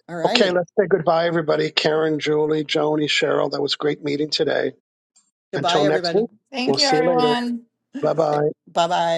B: All
A: Okay,
B: righty.
A: let's say goodbye, everybody. Karen, Julie, Joni, Cheryl, that was a great meeting today.
B: Goodbye,
A: Until next
B: everybody.
A: week, we'll
F: Thank you,
A: see you later.
F: everyone.
A: Bye bye.
B: Bye bye.